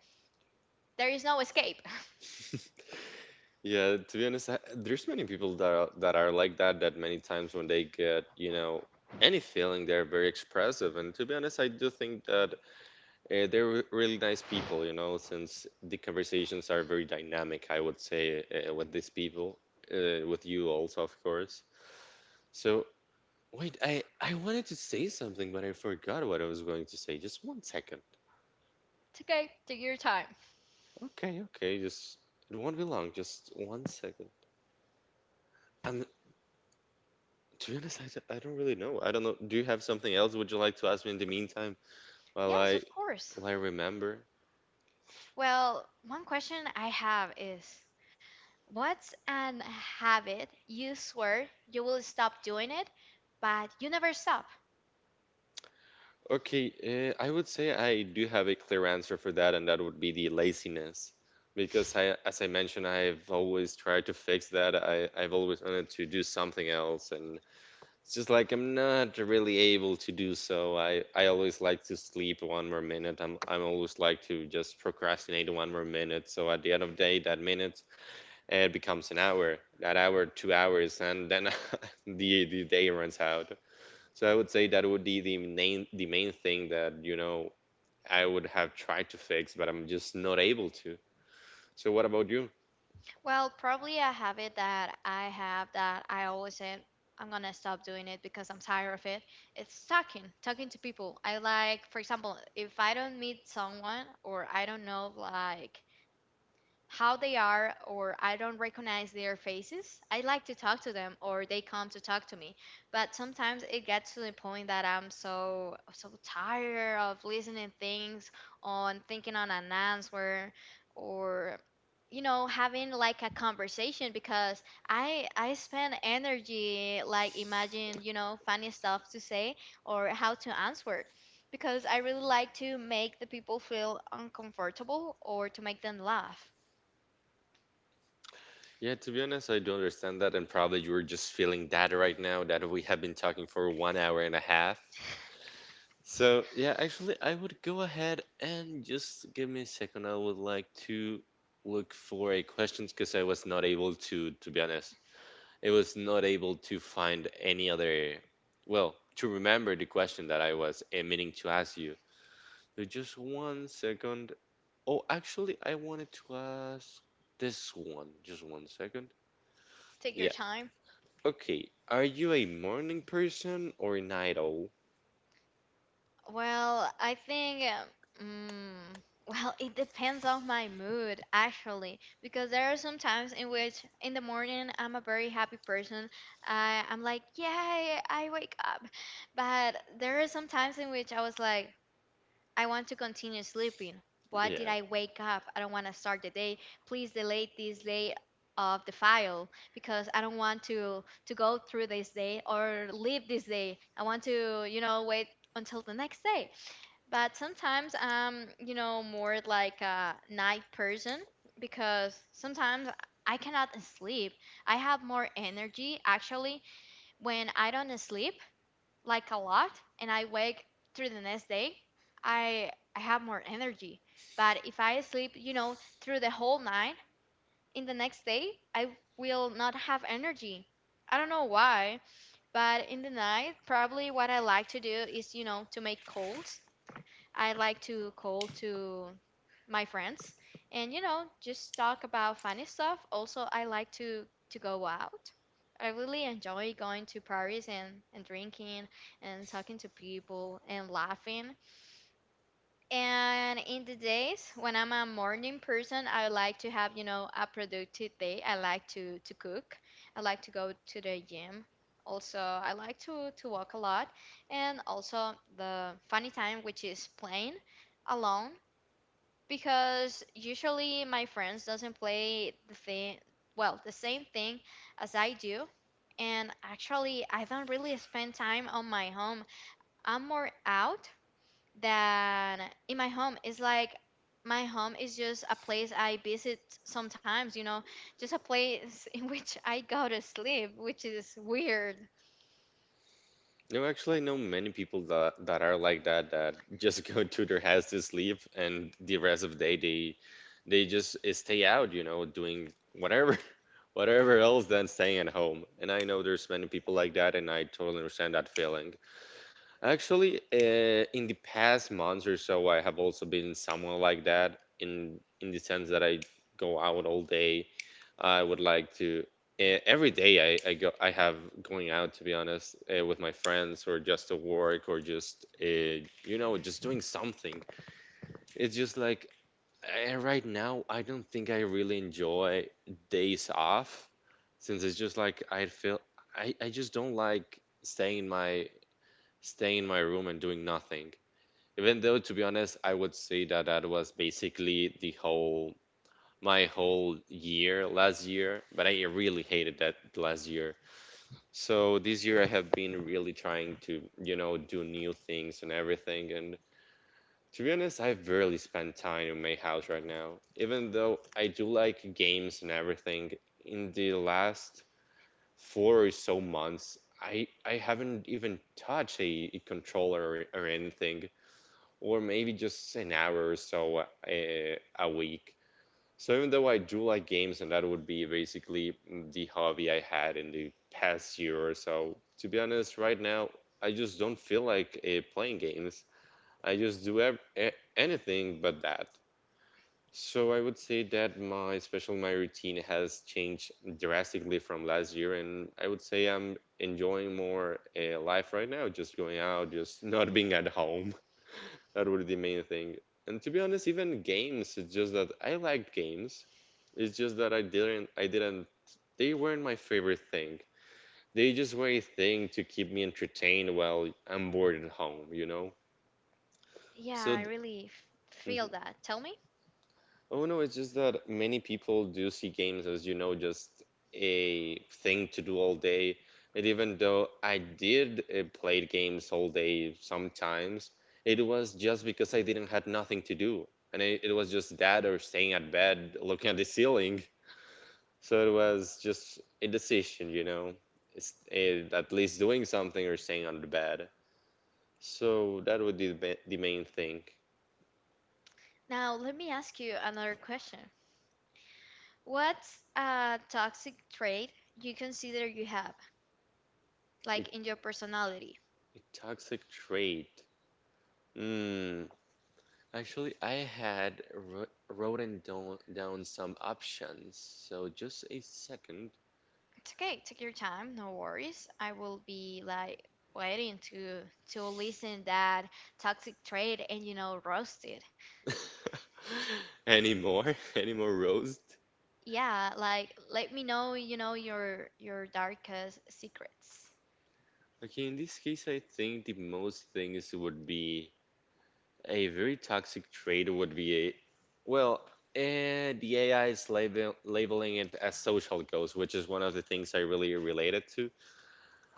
A: there is no escape.
B: Yeah, to be honest, there's many people that are like that. That many times when they get, any feeling, they're very expressive. And to be honest, I do think that they're really nice people. You know, since the conversations are very dynamic, I would say with these people, with you also, of course. So wait, I wanted to say something, but I forgot what I was going to say. Just one second.
A: It's okay, take your time.
B: Okay, okay, just it won't be long. Just one second. I'm To be honest, I don't really know. I don't know. Do you have something else would you like to ask me in the meantime while
A: Yes,
B: I
A: of course.
B: while I remember?
A: Well, one question I have is what's an habit you swear you will stop doing it, but you never stop?
B: Okay, I would say I do have a clear answer for that, and that would be the laziness. Because as I mentioned, I've always tried to fix that. I've always wanted to do something else, and it's just like I'm not really able to do so. I always like to sleep one more minute. I'm always like to just procrastinate one more minute. So at the end of the day, that minute it becomes an hour, that hour 2 hours, and then the day runs out. So I would say that would be the main thing that, I would have tried to fix, but I'm just not able to. So what about you?
A: Well, probably a habit that I have that I always said I'm gonna stop doing it because I'm tired of it. It's talking, talking to people. I like, for example, if I don't meet someone or I don't know like how they are or I don't recognize their faces, I like to talk to them or they come to talk to me. But sometimes it gets to the point that I'm so, so tired of listening things on thinking on an answer or having like a conversation because I spend energy like imagine, funny stuff to say or how to answer because I really like to make the people feel uncomfortable or to make them laugh.
B: Yeah, to be honest, I don't understand that, and probably you're just feeling that right now that we have been talking for one hour and a half. So yeah, actually, I would go ahead, and just give me a second. I would like to look for a questions because I was not able to be honest, it was not able to find any other, well, to remember the question that I was meaning to ask you. So just one second. Oh, actually, I wanted to ask this one. Just one second.
A: Take your
B: Yeah.
A: time.
B: Okay. Are you a morning person or a night owl?
A: Well, I think, well, it depends on my mood actually, because there are some times in which in the morning I'm a very happy person. I'm like, yay, I wake up. But there are some times in which I was like, I want to continue sleeping. What did
B: Yeah.
A: I wake up? I don't want to start the day. Please delete this day of the file because I don't want to go through this day or leave this day. I want to, wait until the next day. But sometimes I'm, more like a night person because sometimes I cannot sleep. I have more energy actually when I don't sleep like a lot, and I wake through the next day, I I have more energy. But if I sleep, through the whole night, in the next day I will not have energy. I don't know why, but in the night, probably what I like to do is, to make calls. I like to call to my friends and just talk about funny stuff. Also, I like to go out. I really enjoy going to parties and drinking and talking to people and laughing. And in the days when I'm a morning person, I like to have, a productive day. I like to cook. I like to go to the gym. Also, I like to walk a lot, and also the funny time which is playing alone because usually my friends doesn't play the thing, well, the same thing as I do. And actually, I don't really spend time on my home. I'm more out than in my home. It's like my home is just a place I visit sometimes, just a place in which I go to sleep, which is weird.
B: No, actually, I know many people that are like that. That just go to their house to sleep, and the rest of the day they just stay out, you know, doing whatever whatever else than staying at home. And I know there's many people like that, and I totally understand that feeling. Actually, in the past months or so, I have also been someone like that in the sense that I go out all day. I would like to, every day I have going out to be honest, with my friends or just to work or just just doing something. It's just like right now I don't think I really enjoy days off since it's just like I feel I just don't like staying in my room and doing nothing. Even though to be honest I would say that that was basically the whole my whole year last year, but I really hated that last year. So this year I have been really trying to, do new things and everything. And to be honest, I've barely spent time in my house right now. Even though I do like games and everything, in the last four or so months, I haven't even touched a controller, or anything, or maybe just an hour or so a week. So even though I do like games, and that would be basically the hobby I had in the past year or so, to be honest, right now I just don't feel like playing games. I just do anything but that. So I would say that my routine has changed drastically from last year, and I would say I'm enjoying more life right now, just going out, just not being at home. That would be the main thing. And to be honest, even games, it's just that I liked games. It's just that I didn't, they weren't my favorite thing. They just were a thing to keep me entertained while I'm bored at home, you know?
A: Yeah,
B: So,
A: I really feel
B: mhm.
A: that. Tell me.
B: Oh no, it's just that many people do see games as, you know, just a thing to do all day. And even though I did play games all day sometimes, it was just because I didn't had nothing to do. And it was just that or staying at bed looking at the ceiling. So it was just a decision, it's, at least doing something or staying on the bed. So that would be the main thing.
A: Now, let me ask you another question. What's a toxic trait you consider you have,
B: A
A: like in your personality?
B: a toxic trait. Mm, actually, I had wr written down some options. So just a second.
A: It's okay, take your time, no worries. I will be like waiting to listen that toxic trait and roast it.
B: Any more? Any more roast?
A: Yeah, like let me know, your darkest secrets.
B: Okay, in this case, I think the most things would be a very toxic trait would be well, the AI is labeling it as social ghost, which is one of the things I really related to,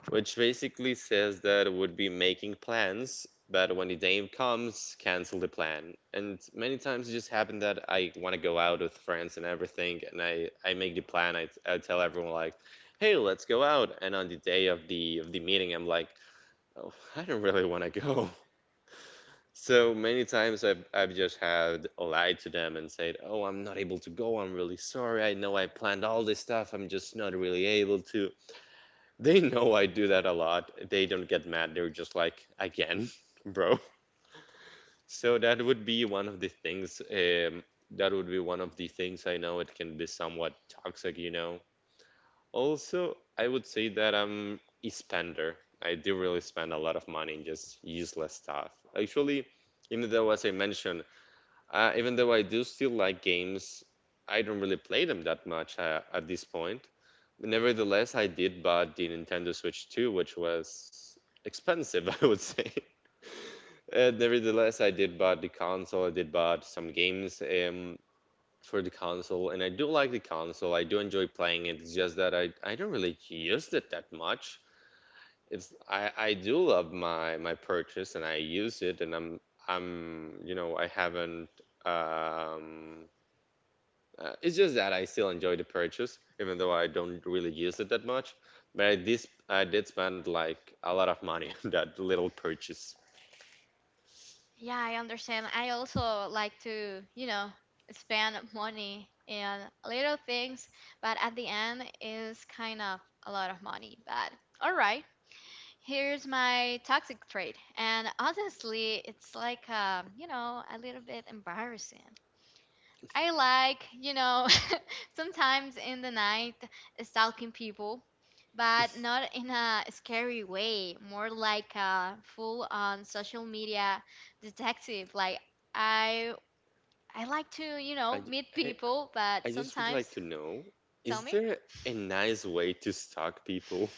B: which basically says that would be making plans, but when the day comes, cancel the plan. And many times it just happened that I want to go out with friends and everything, and I make the plan. I tell everyone like, "Hey, let's go out." And on the day of the meeting, I'm like, "Oh, I don't really want to go." So many times I've just had lied to them and said, "Oh, I'm not able to go. I'm really sorry. I know I planned all this stuff. I'm just not really able to." They know I do that a lot. They don't get mad. They're just like, again, bro. So that would be one of the things. That would be one of the things I know it can be somewhat toxic. Also, I would say that I'm a spender. I do really spend a lot of money in just useless stuff. Actually, even though, as I mentioned, even though I do still like games, I don't really play them that much at this point. Nevertheless, I did buy the Nintendo Switch 2, which was expensive, I would say. Nevertheless, I did buy the console. I did buy some games for the console, and I do like the console. I do enjoy playing it. It's just that I don't really use it that much. I do love my purchase, and I use it, and I'm I haven't um, it's just that I still enjoy the purchase, even though I don't really use it that much. But I did spend like a lot of money on that little purchase.
A: Yeah, I understand. I also like to, spend money in little things, but at the end is kind of a lot of money. But all right, here's my toxic trait. And honestly, it's like a little bit embarrassing. I like, sometimes in the night stalking people, but not in a scary way, more like a full on social media detective. Like I I like to,
B: I
A: meet
B: I
A: people, but
B: I just would
A: sometimes
B: like to know,
A: tell
B: is
A: me.
B: there a nice way to stalk people?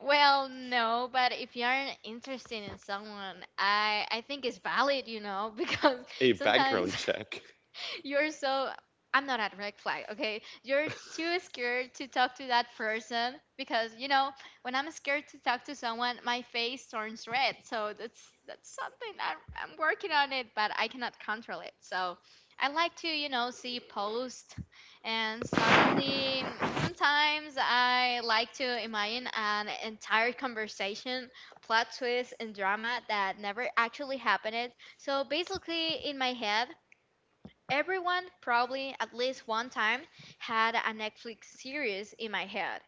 A: Well, no, but if you're interested in someone, I think it's valid, because
B: A
A: sometimes.
B: background check?
A: You're so I'm not at red flag, okay? You're too scared to talk to that person because when I'm scared to talk to someone, my face turns red. So that's something I'm working on it, but I cannot control it. So I like to see posts, and suddenly sometimes I like to imagine an entire conversation, plot twist, and drama that never actually happened. So basically, in my head, everyone probably at least one time had a Netflix series in my head.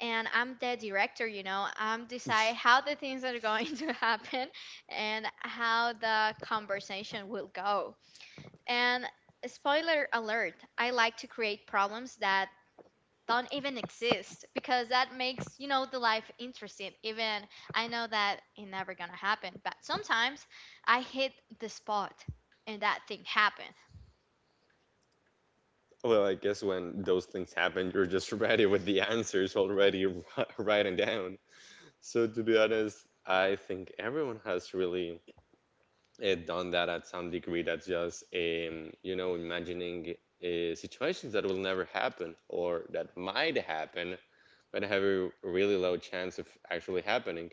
A: And I'm the director. I'm decide how the things are going to happen and how the conversation will go. And spoiler alert, I like to create problems that don't even exist because that makes the life interesting. Even I know that it never gonna happen, but sometimes I hit the spot and that thing happen.
B: Well, I guess when those things happen, you're just ready with the answers already writing down. So to be honest, I think everyone has really done that at some degree. That's just imagining situations that will never happen or that might happen, but have a really low chance of actually happening.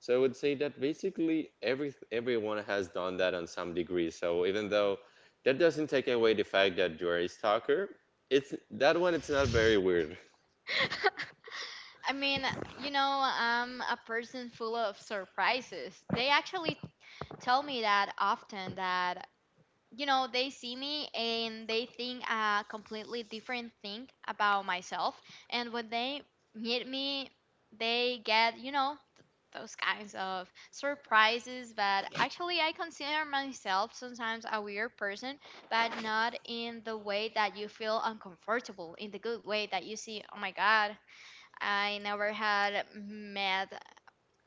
B: So I would say that basically everyone has done that on some degree. So even though that doesn't take away the fact that you're a stalker, it's that one. It's not very weird.
A: I mean, I'm a person full of surprises. They actually tell me that often that, they see me and they think a completely different thing about myself. And when they meet me, they get, those kinds of surprises. But actually, I consider myself sometimes a weird person, but not in the way that you feel uncomfortable, in the good way that you see, oh my God, I never had met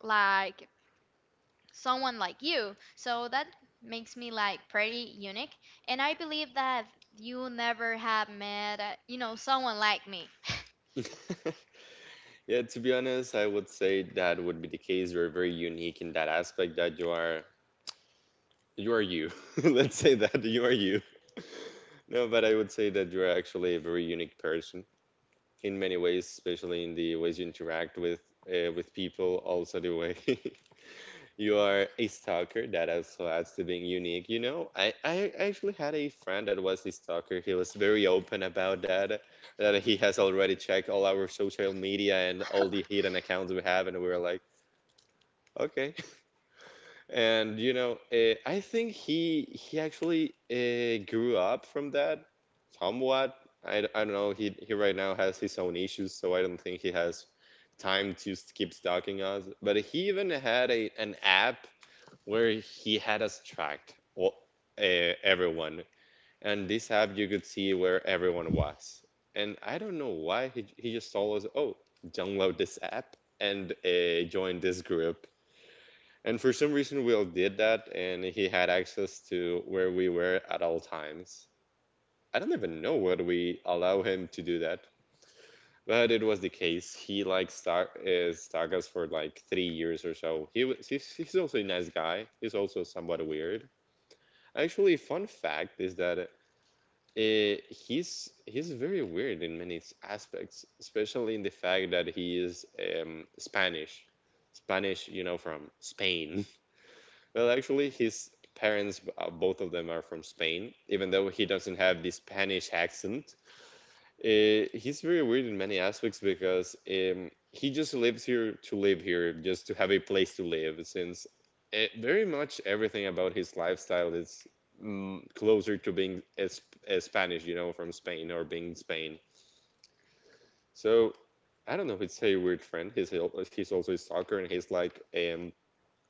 A: like someone like you. So that makes me like pretty unique. And I believe that you never have met, someone like me.
B: Yeah, to be honest, I would say that would be the case. You're very unique in that aspect that you are you are you. Let's say that you are you. No, but I would say that you're actually a very unique person in many ways, especially in the ways you interact with people, also the way you are a stalker. That also adds to being unique. You know, I actually had a friend that was a stalker. He was very open about that, that he has already checked all our social media and all the hidden accounts we have, and we were like, okay. And I think he actually grew up from that somewhat. I don't know. He right now has his own issues, so I don't think he has time to keep stalking us. But he even had a an app where he had us tracked, well, everyone. And this app you could see where everyone was. And I don't know why he just told us, "Oh, download this app and join this group." And for some reason, Will did that, and he had access to where we were at all times. I don't even know what we allow him to do that, but it was the case. He like stuck us for like 3 years or so. He's also a nice guy. He's also somewhat weird. Actually, fun fact is that he's very weird in many aspects, especially in the fact that he is Spanish. Spanish, you know, from Spain. Well, actually, his parents, both of them are from Spain, even though he doesn't have the Spanish accent. He's very weird in many aspects because he just lives here to live here, just to have a place to live, since very much everything about his lifestyle is closer to being a Spanish, you know, from Spain or being Spain. So I don't know. It's a weird friend. He's also a stalker, and he's like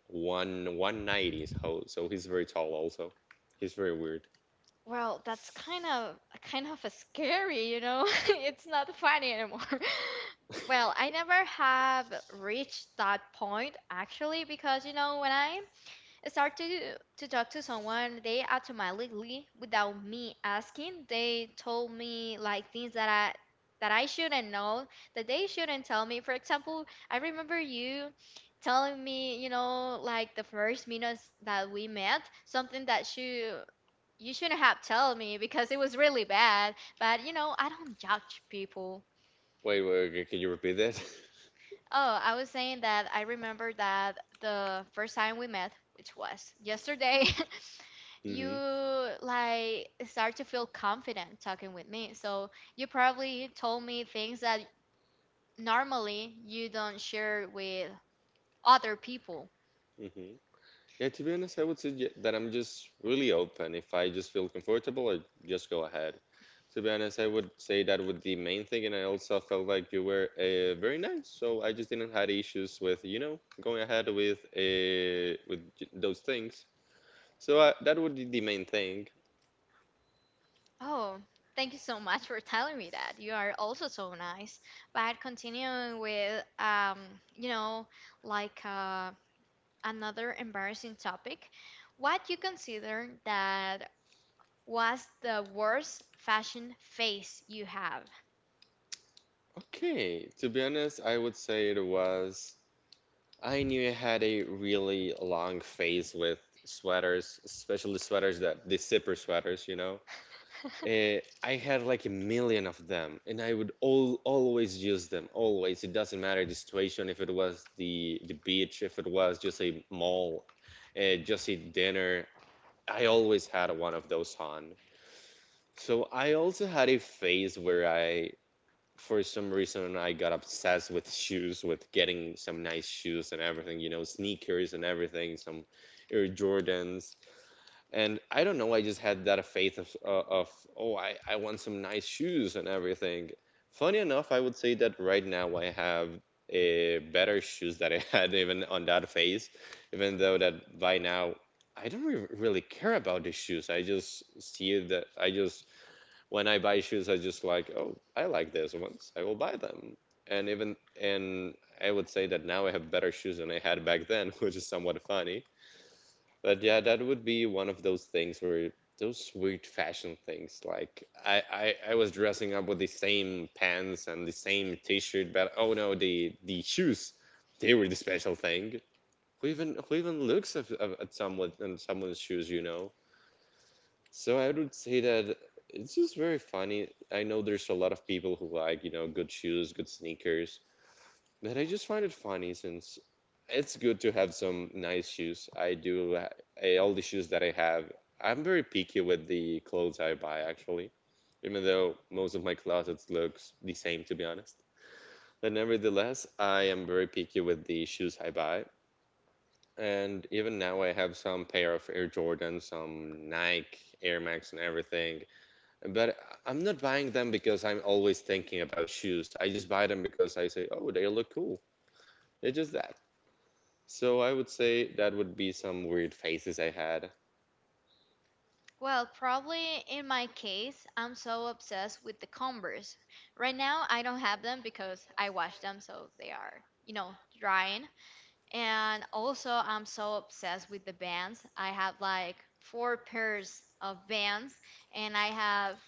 B: one 190 so he's very tall also. He's very weird.
A: Well, that's kind of scary. It's not funny anymore. Well, I never have reached that point actually because when I start to talk to someone, they automatically, without me asking, they told me like things that I shouldn't know, that they shouldn't tell me. For example, I remember you telling me, like the first minutes that we met, something that you shouldn't have told me because it was really bad, but I don't judge people.
B: Wait, wait, okay, can you repeat that?
A: Oh, I was saying that I remember that the first time we met, which was yesterday, you
B: Mm-hmm.
A: like start to feel confident talking with me. So you probably told me things that normally you don't share with other people.
B: Mm-hmm. Yeah, to be honest, I would suggest that I'm just really open. If I just feel comfortable, I just go ahead. To be honest, I would say that would the main thing, and I also felt like you were very nice, so I just didn't had issues with going ahead with those things. So that would be the main thing.
A: Oh, thank you so much for telling me that. You are also so nice. But continuing with you know, like another embarrassing topic, what you consider that. What's the worst fashion phase you have?
B: Okay, to be honest, I would say it was. I knew I had a really long phase with sweaters, especially sweaters that the zipper sweaters, you know. I had like a million of them, and I would all always use them. Always, it doesn't matter the situation. If it was the beach, if it was just a mall, just a dinner, I always had one of those on. So I also had a phase where I for some reason I got obsessed with shoes, with getting some nice shoes and everything, you know, sneakers and everything, some Air Jordans. And I don't know, I just had that faith of oh, I want some nice shoes and everything. Funny enough, I would say that right now I have a better shoes that I had even on that phase, even though that by now I don't really care about the shoes. I just see that I just when I buy shoes, I just like, oh, I like these ones. I will buy them. And even and I would say that now I have better shoes than I had back then, which is somewhat funny. But yeah, that would be one of those things where those weird fashion things. Like, I was dressing up with the same pants and the same T-shirt, but oh no, the shoes, they were the special thing. Who even looks at someone and someone's shoes, you know? So I would say that it's just very funny. I know there's a lot of people who like, you know, good shoes, good sneakers, but I just find it funny since it's good to have some nice shoes. I, all the shoes that I have. I'm very picky with the clothes I buy actually, even though most of my closets looks the same to be honest. But nevertheless, I am very picky with the shoes I buy. And even now, I have some pair of Air Jordans, some Nike, Air Max, and everything. But I'm not buying them because I'm always thinking about shoes. I just buy them because I say, oh, they look cool. It's just that. So I would say that would be some weird phases I had.
A: Well, probably in my case, I'm so obsessed with the Converse. Right now, I don't have them because I wash them, so they are, drying. And also, I'm so obsessed with the bands. I have like four pairs of bands, and I have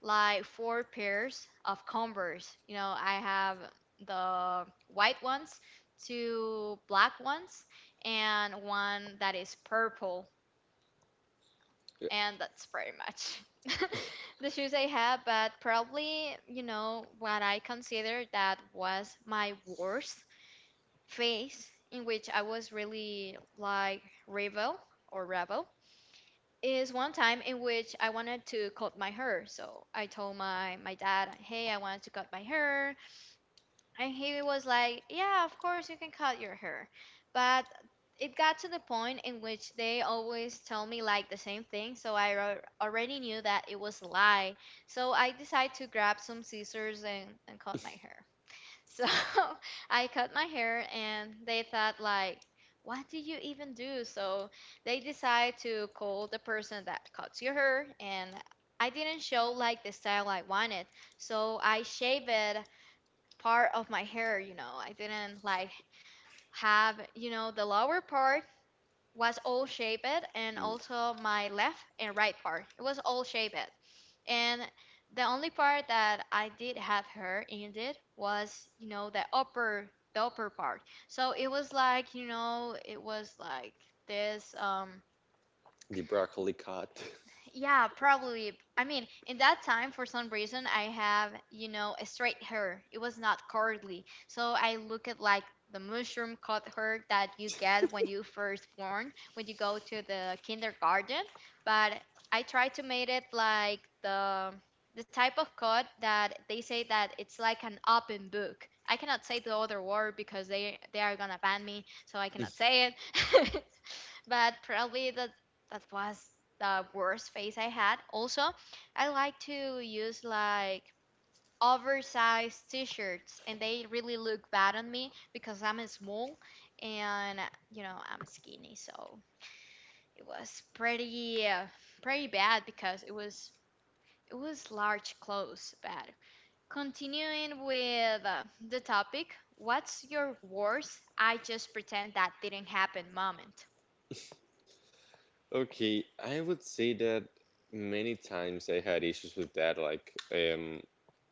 A: like four pairs of Converse. I have the white ones, two black ones, and one that is purple.
B: Yeah.
A: And that's pretty much the shoes I have. But probably, what I consider that was my worst phase, in which I was really like rebel or rebel, is one time in which I wanted to cut my hair. So I told my dad, "Hey, I wanted to cut my hair." And he was like, "Yeah, of course you can cut your hair." But it got to the point in which they always tell me like the same thing, so I already knew that it was a lie. So I decided to grab some scissors and cut my hair. So I cut my hair and they thought like, what do you even do? So they decide to call the person that cuts your hair and I didn't show like the style I wanted. So I shaved part of my hair. I didn't like have, the lower part was all shaved, and
B: Mm.
A: also my left and right part. It was all shaved. And the only part that I did have her in it was, the upper part. So it was like, it was like this
B: The broccoli cut.
A: yeah, probably. I mean, in that time, for some reason, I have, a straight hair. It was not curly. So I look at like the mushroom cut hair that you get when you first born, when you go to the kindergarten. But I try to make it like the type of cut that they say that it's like an open book. I cannot say the other word because they are gonna ban me, so I cannot say it. But probably that was the worst phase I had. Also, I like to use like oversized t-shirts and they really look bad on me because I'm small and I'm skinny, so it was pretty pretty bad because it was large clothes bad. Continuing with the topic, what's your worst "I just pretend that didn't happen" moment?
B: Okay, I would say that many times I had issues with that. Like,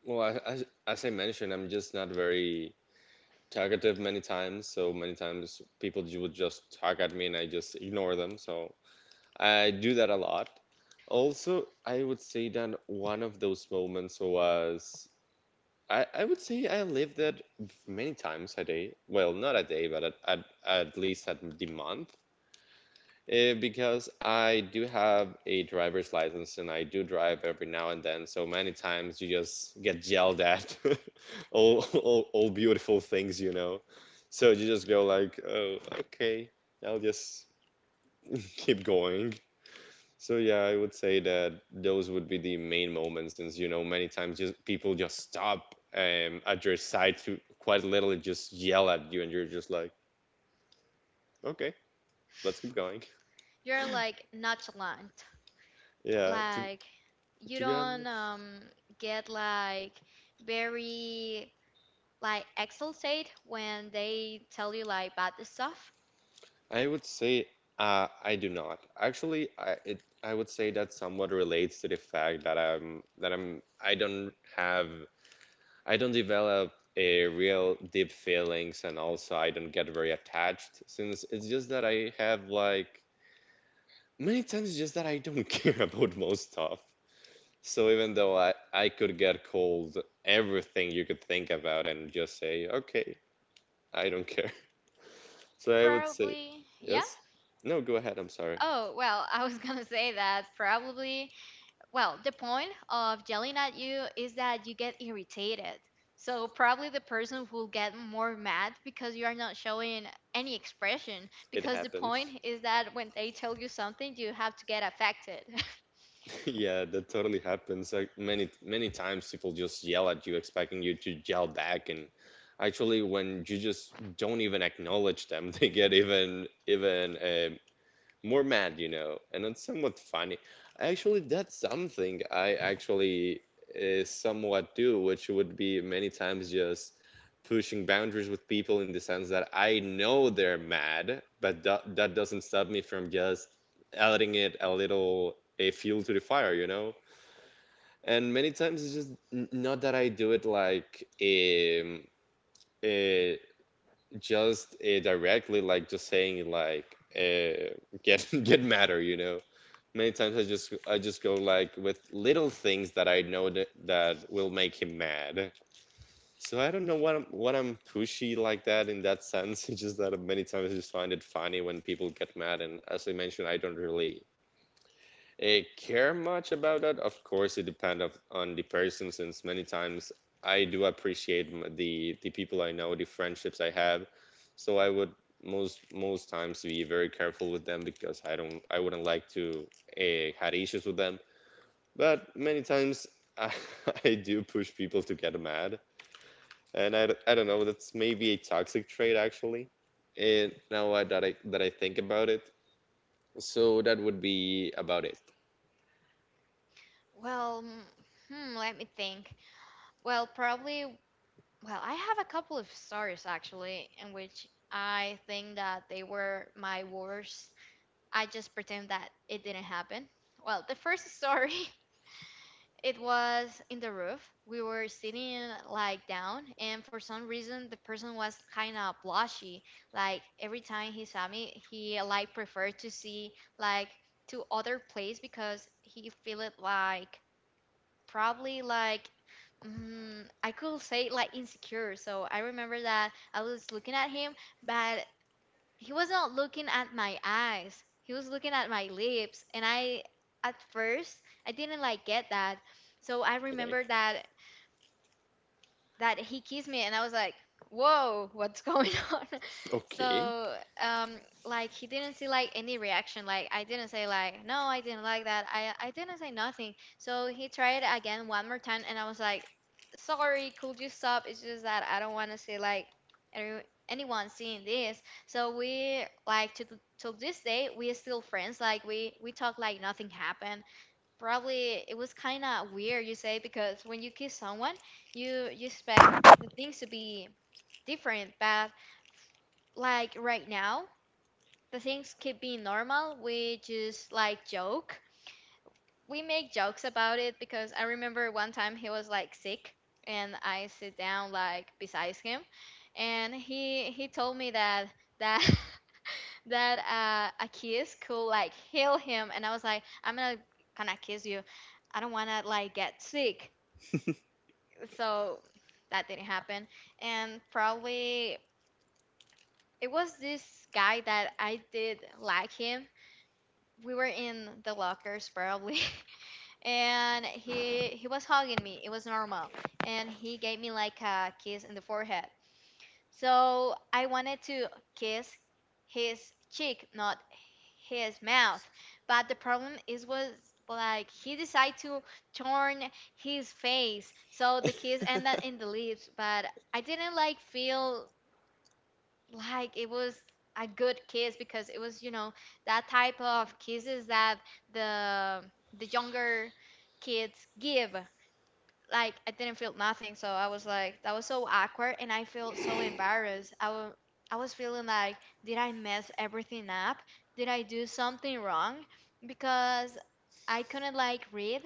B: well, as I mentioned, I'm just not very talkative many times. So many times people would just target me and I just ignore them. So I do that a lot. Also, I would say that one of those moments was I would say I lived that many times a day. Well, not a day, but at least at the month. Because I do have a driver's license and I do drive every now and then, so many times you just get yelled at all beautiful things, you know. So you just go like, oh, okay, I'll just keep going. So yeah, I would say that those would be the main moments, since you know many times just people just stop at your side to quite literally just yell at you, and you're just like, okay, let's keep going.
A: You're like nonchalant.
B: Yeah, to
A: Like you
B: To be
A: don't
B: honest,
A: get like very like exaltate when they tell you like bad stuff.
B: I would say I do not. Actually, I would say that somewhat relates to the fact that I'm I don't have I don't develop a real deep feelings and also I don't get very attached since it's just that I have like many times it's just that I don't care about most stuff. So even though I could get cold everything you could think about and just say, okay, I don't care. So I would say,
A: Probably, yeah.
B: yes. No, go ahead. I'm sorry.
A: Oh, well, I was gonna say that probably. Well, the point of yelling at you is that you get irritated. So probably the person will get more mad because you are not showing any expression.
B: It
A: Because the
B: happens.
A: point is that when they tell you something, you have to get affected.
B: Yeah, that totally happens. Like many times people just yell at you expecting you to yell back, and actually when you just don't even acknowledge them, they get even more mad, you know, and then somewhat funny. Actually, that's something I actually somewhat do, which would be many times just pushing boundaries with people in the sense that I know they're mad, but that doesn't stop me from just adding it a little a fuel to the fire, you know? And many times it's just not that I do it like uh, just directly, like just saying like uh, get get madder, you know? Many times I just go like with little things that I know that, that will make him mad. So I don't know what I'm pushy like that in that sense. It's just that many times I just find it funny when people get mad, and as I mentioned, I don't really care much about that. Of course, it depends on the person, since many times I do appreciate the people I know, the friendships I have. So I would most times be very careful with them because I wouldn't like to had issues with them. But many times I, I do push people to get mad. And I don't know, that's maybe a toxic trait actually. And now I- that I that I think about it, so that would be about it.
A: Well, let me think. Well, probably, well, I have a couple of stories actually in which I think that they were my worst "I just pretend that it didn't happen." Well, the first story, it was in the roof. We were sitting like down, and for some reason, the person was kind of blushy. Like every time he saw me, he like preferred to see like to other place because he feel it like probably like I could say like insecure. So I remember that I was looking at him, but he was not looking at my eyes. He was looking at my lips, and I at first I didn't like get that. So I
B: Okay.
A: remember that he kissed me, and I was like, whoa, what's going on?
B: Okay.
A: So um like he didn't see like any reaction, like I didn't say like no, I didn't like that I didn't say nothing. So he tried again one more time, and I was like, sorry, could you stop? It's just that I don't want to see like any, anyone seeing this. So we like to till this day we are still friends, like we talk like nothing happened. Probably it was kind of weird, you say, because when you kiss someone, you expect the things to be different, but like right now, the things keep being normal. We just like joke. We make jokes about it because I remember one time he was like sick and I sit down like beside him and he told me that that a kiss could like heal him, and I was like, I'm gonna kind of kiss you, I don't wanna like get sick. So that didn't happen. And probably it was this guy that I did like him. We were in the lockers, probably, and he was hugging me, it was normal, and he gave me like a kiss in the forehead. So I wanted to kiss his cheek, not his mouth. But the problem is was like he decided to turn his face. So the kiss ended in the lips, but I didn't like feel like it was a good kiss because it was, that type of kisses that the the younger kids give, like I didn't feel nothing. So I was like, that was so awkward, and I felt so embarrassed. I was feeling like, did I mess everything up? Did I do something wrong? Because I couldn't like read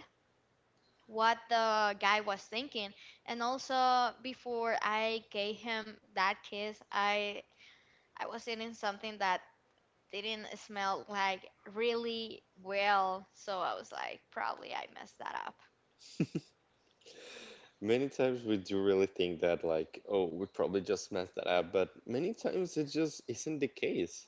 A: what the guy was thinking, and also before I gave him that kiss, I was eating something that didn't smell like really well. So I was like, probably I messed that up.
B: Many times we do really think that, like, oh, we probably just messed that up, but many times it just isn't the case.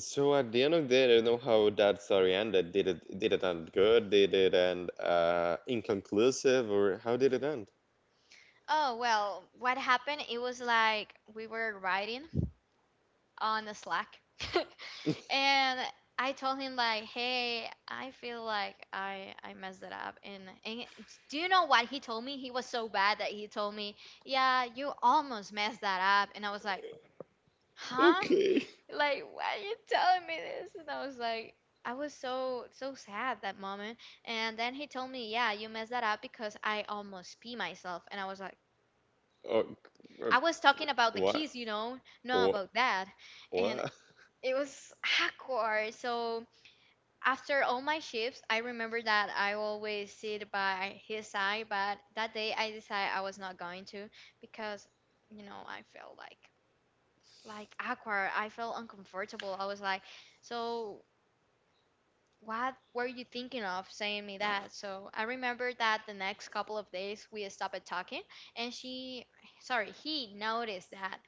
B: So at the end of the day, I don't know how that story ended. Did it end good? Did it end inconclusive, or how did it end?
A: Oh, well, what happened? It was like we were riding on the Slack. And I told him like, "Hey, I feel like I messed it up." And do you know what he told me? He was so bad that he told me, "Yeah, you almost messed that up." And I was like, "Huh?
B: Okay.
A: Like, why are you telling me this?" And I was like, I was so sad that moment. And then he told me, "Yeah, you messed that up because I almost pee myself." And I was like,
B: Oh, uh,
A: I was talking about the
B: what?
A: keys, not
B: What?
A: about that. And
B: What?
A: it was awkward. So after all my shifts, I remember that I always sit by his side, but that day I decided I was not going to because, I felt like awkward. I felt uncomfortable. I was like, so what were you thinking of saying me that? So I remember that the next couple of days we stopped talking, and she, sorry, he noticed that.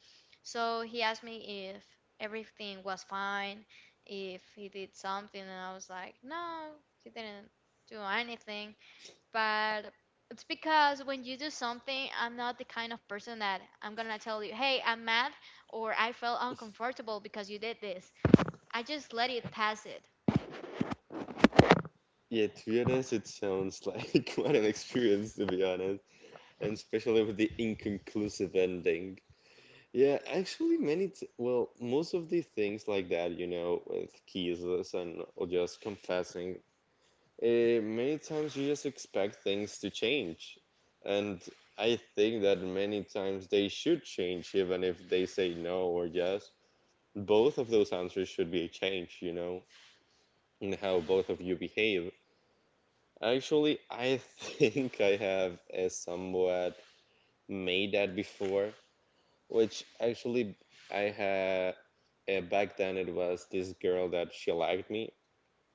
A: So he asked me if everything was fine, if he did something, and I was like, no, he didn't do anything. But it's because when you do something, I'm not the kind of person that I'm gonna tell you, hey, I'm mad or I felt uncomfortable because you did this. I just let it pass it.
B: Yeah, to be honest, it sounds like quite an experience, to be honest, and especially with the inconclusive ending. Yeah, actually, many, t well, most of the things like that, you know, with kisses and or just confessing. Many times you just expect things to change. And I think that many times they should change, even if they say no or yes. Both of those answers should be a change, you know, in how both of you behave. Actually, I think I have somewhat made that before, which actually I had back then it was this girl that she liked me.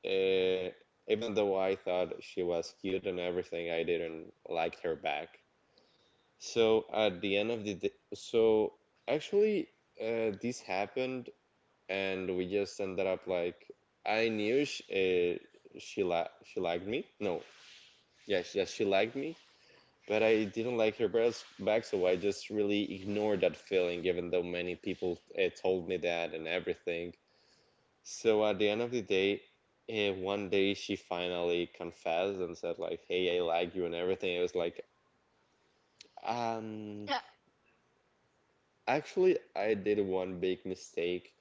B: Uh, Even though I thought she was cute and everything, I didn't like her back. So at the end of the day, so actually, this happened, and we just ended up like I knew she liked me. No, yes, she liked me, but I didn't like her breasts back, so I just really ignored that feeling, even though many people told me that and everything. So at the end of the day, one day she finally confessed and said like, "Hey, I like you" and everything. I was like, um, actually, I did one big mistake,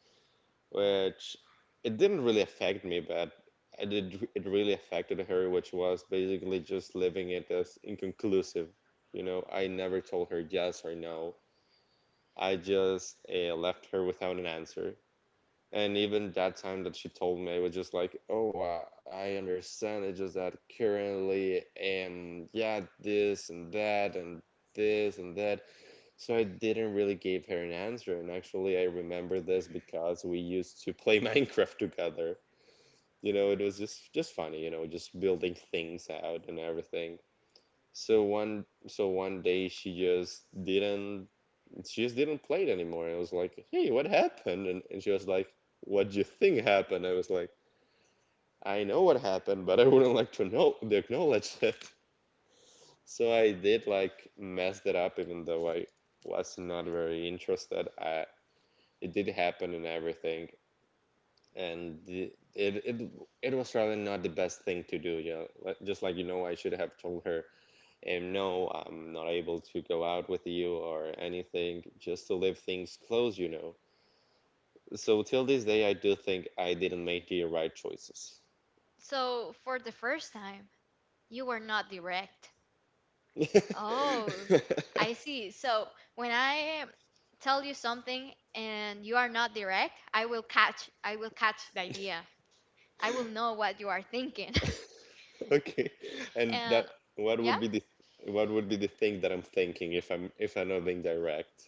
B: which it didn't really affect me, but I did, it really affected her, which was basically just leaving it as inconclusive. You know, I never told her yes or no. I just left her without an answer. And even that time that she told me, I was just like, "Oh, I understand. It's just that currently, yeah, this and that and this and that." So I didn't really give her an answer. And actually, I remember this because we used to play Minecraft together. You know, it was just funny. You know, just building things out and everything. So one day she just didn't play it anymore. I was like, "Hey, what happened?" And she was like, "What do you think happened?" I was like, "I know what happened, but I wouldn't like to acknowledge it." So I did like mess that up, even though I was not very interested. I It did happen and everything, and it was rather not the best thing to do. You know, like, just like you know, I should have told her. And no, I'm not able to go out with you or anything, just to leave things closed, you know. So till this day, I do think I didn't make the right choices.
A: So, for the first time, you were not direct. Oh, I see. So, when I tell you something and you are not direct, I will catch the idea. I will know what you are thinking.
B: Okay, and that
A: And
B: what
A: yeah.
B: would be the what would be the thing that I'm thinking if I'm not being direct?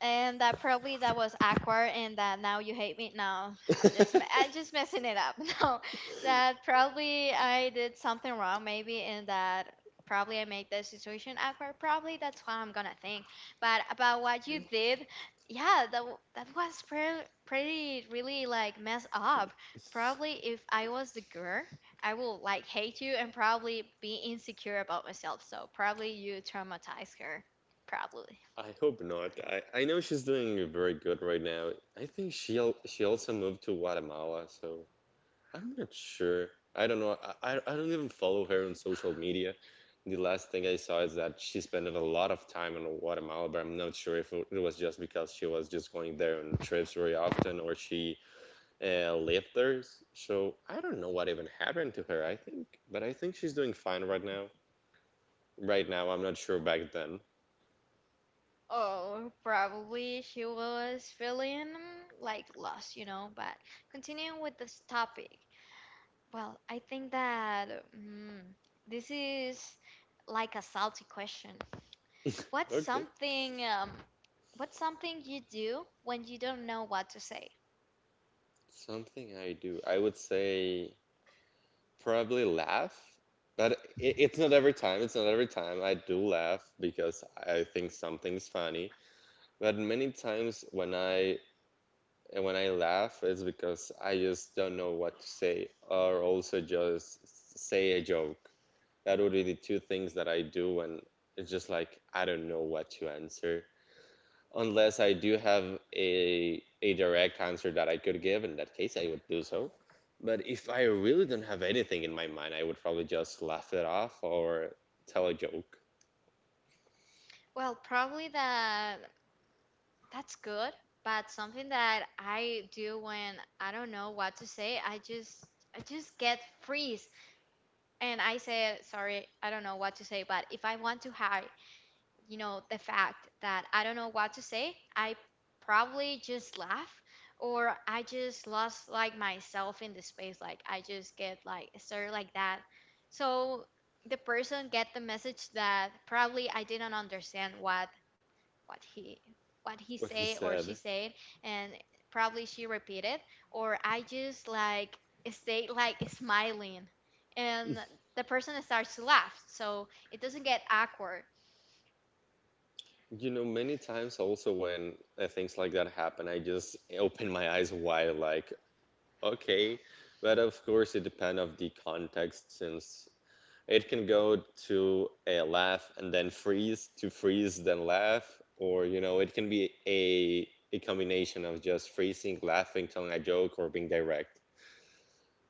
A: And that probably that was awkward, and that now you hate me? No, I'm just messing it up. No, that probably I did something wrong maybe, and that probably I made the situation awkward. Probably that's what I'm gonna think. But about what you did, yeah, that was pretty really like mess up. Probably if I was the girl, I will like hate you and probably be insecure about myself. So probably you traumatized her. Probably.
B: I hope not. I know she's doing very good right now. I think she also moved to Guatemala, so I'm not sure. I don't know. I don't even follow her on social media. The last thing I saw is that she spent a lot of time in Guatemala, but I'm not sure if it was just because she was just going there on trips very often or she lived there. So I don't know what even happened to her, I think. But I think she's doing fine right now. Right now, I'm not sure back then.
A: Oh, probably she was feeling like lost. But continuing with this topic, well, I think that this is like a salty question. What's
B: Okay.
A: something, um, what's something you do when you don't know what to say?
B: Something I do, I would say probably laugh, but it's not every time. It's not every time I do laugh because I think something's funny. But many times when I laugh, it's because I just don't know what to say, or also just say a joke. That would be the two things that I do when it's just like I don't know what to answer unless I do have a direct answer that I could give. In that case, I would do so. But if I really don't have anything in my mind, I would probably just laugh it off or tell a joke.
A: Well, probably that's good, but something that I do when I don't know what to say, I just get freeze. And I said, sorry, I don't know what to say, but if I want to hide, the fact that I don't know what to say, I probably just laugh or I just lost like myself in the space. Like I just get like sir like that. So the person get the message that probably I didn't understand what he what he
B: What he
A: said or she
B: said.
A: said, and probably she repeated, or I just like stay like smiling, and the person starts to laugh so it doesn't get awkward.
B: You know, many times also when things like that happen, I just open my eyes wide, like, okay. But of course, it depends of the context, since it can go to a laugh and then freeze to freeze then laugh, or you know, it can be a combination of just freezing, laughing, telling a joke, or being direct.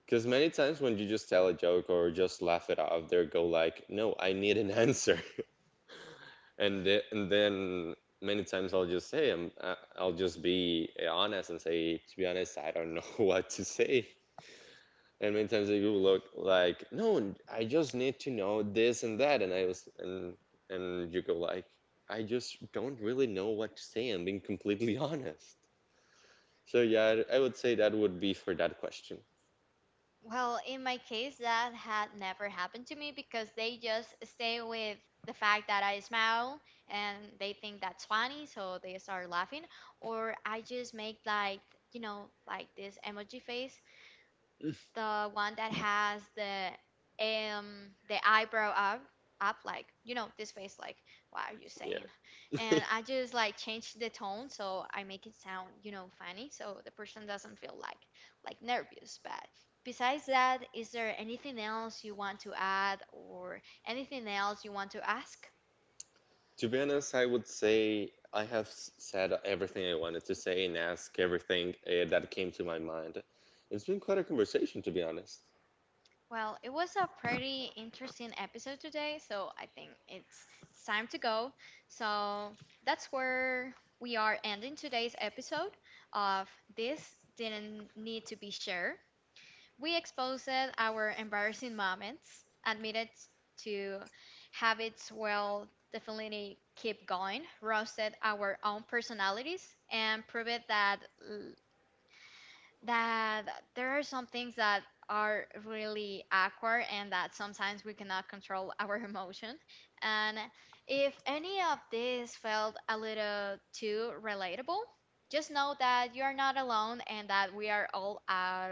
B: Because many times when you just tell a joke or just laugh it off, they go like, "No, I need an answer," and and then many times I'll just say, I'll just be honest and say, "To be honest, I don't know what to say." And many times they will look like, no, I just need to know this and that, and I was and you go like, I just don't really know what to say. I'm being completely honest. So yeah, I would say that would be for that question.
A: Well, in my case that had never happened to me because they just stay with the fact that I smile and they think that's funny, so they start laughing, or I just make like like this emoji face, the one that has um the eyebrow up like this face like what are you
B: Yeah.
A: saying, and I just like change the tone so I make it sound funny so the person doesn't feel like nervous. But besides that, is there anything else you want to add or anything else you want to ask?
B: To be honest, I would say I have said everything I wanted to say and ask everything that came to my mind. It's been quite a conversation, to be honest,
A: Well, it was a pretty interesting episode today, so I think it's time to go. So that's where we are ending today's episode of This Didn't Need to Be Shared. We exposed our embarrassing moments, admitted to habits well definitely keep going, roasted our own personalities, and proved that there are some things that are really awkward and that sometimes we cannot control our emotion. And if any of this felt a little too relatable, just know that you are not alone and that we are all out,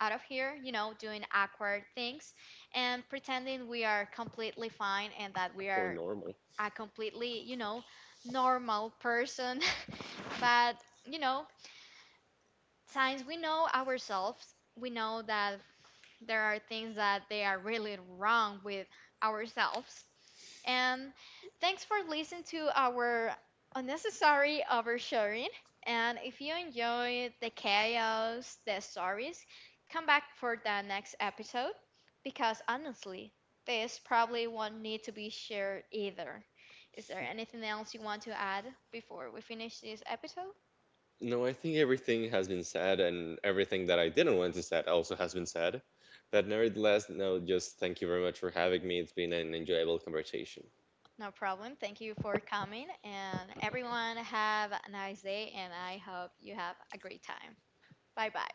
A: out of here, doing awkward things and pretending we are completely fine and that we
B: or
A: are
B: normal.
A: a completely, normal person. But, you know, since we know ourselves, we know that there are things that they are really wrong with ourselves. And thanks for listening to our unnecessary oversharing. And if you enjoyed the chaos, the stories, come back for the next episode because honestly, this probably won't need to be shared either. Is there anything else you want to add before we finish this episode?
B: No, I think everything has been said, and everything that I didn't want to say also has been said. But nevertheless, no, just thank you very much for having me. It's been an enjoyable conversation.
A: No problem. Thank you for coming. And everyone, have a nice day. And I hope you have a great time. Bye bye.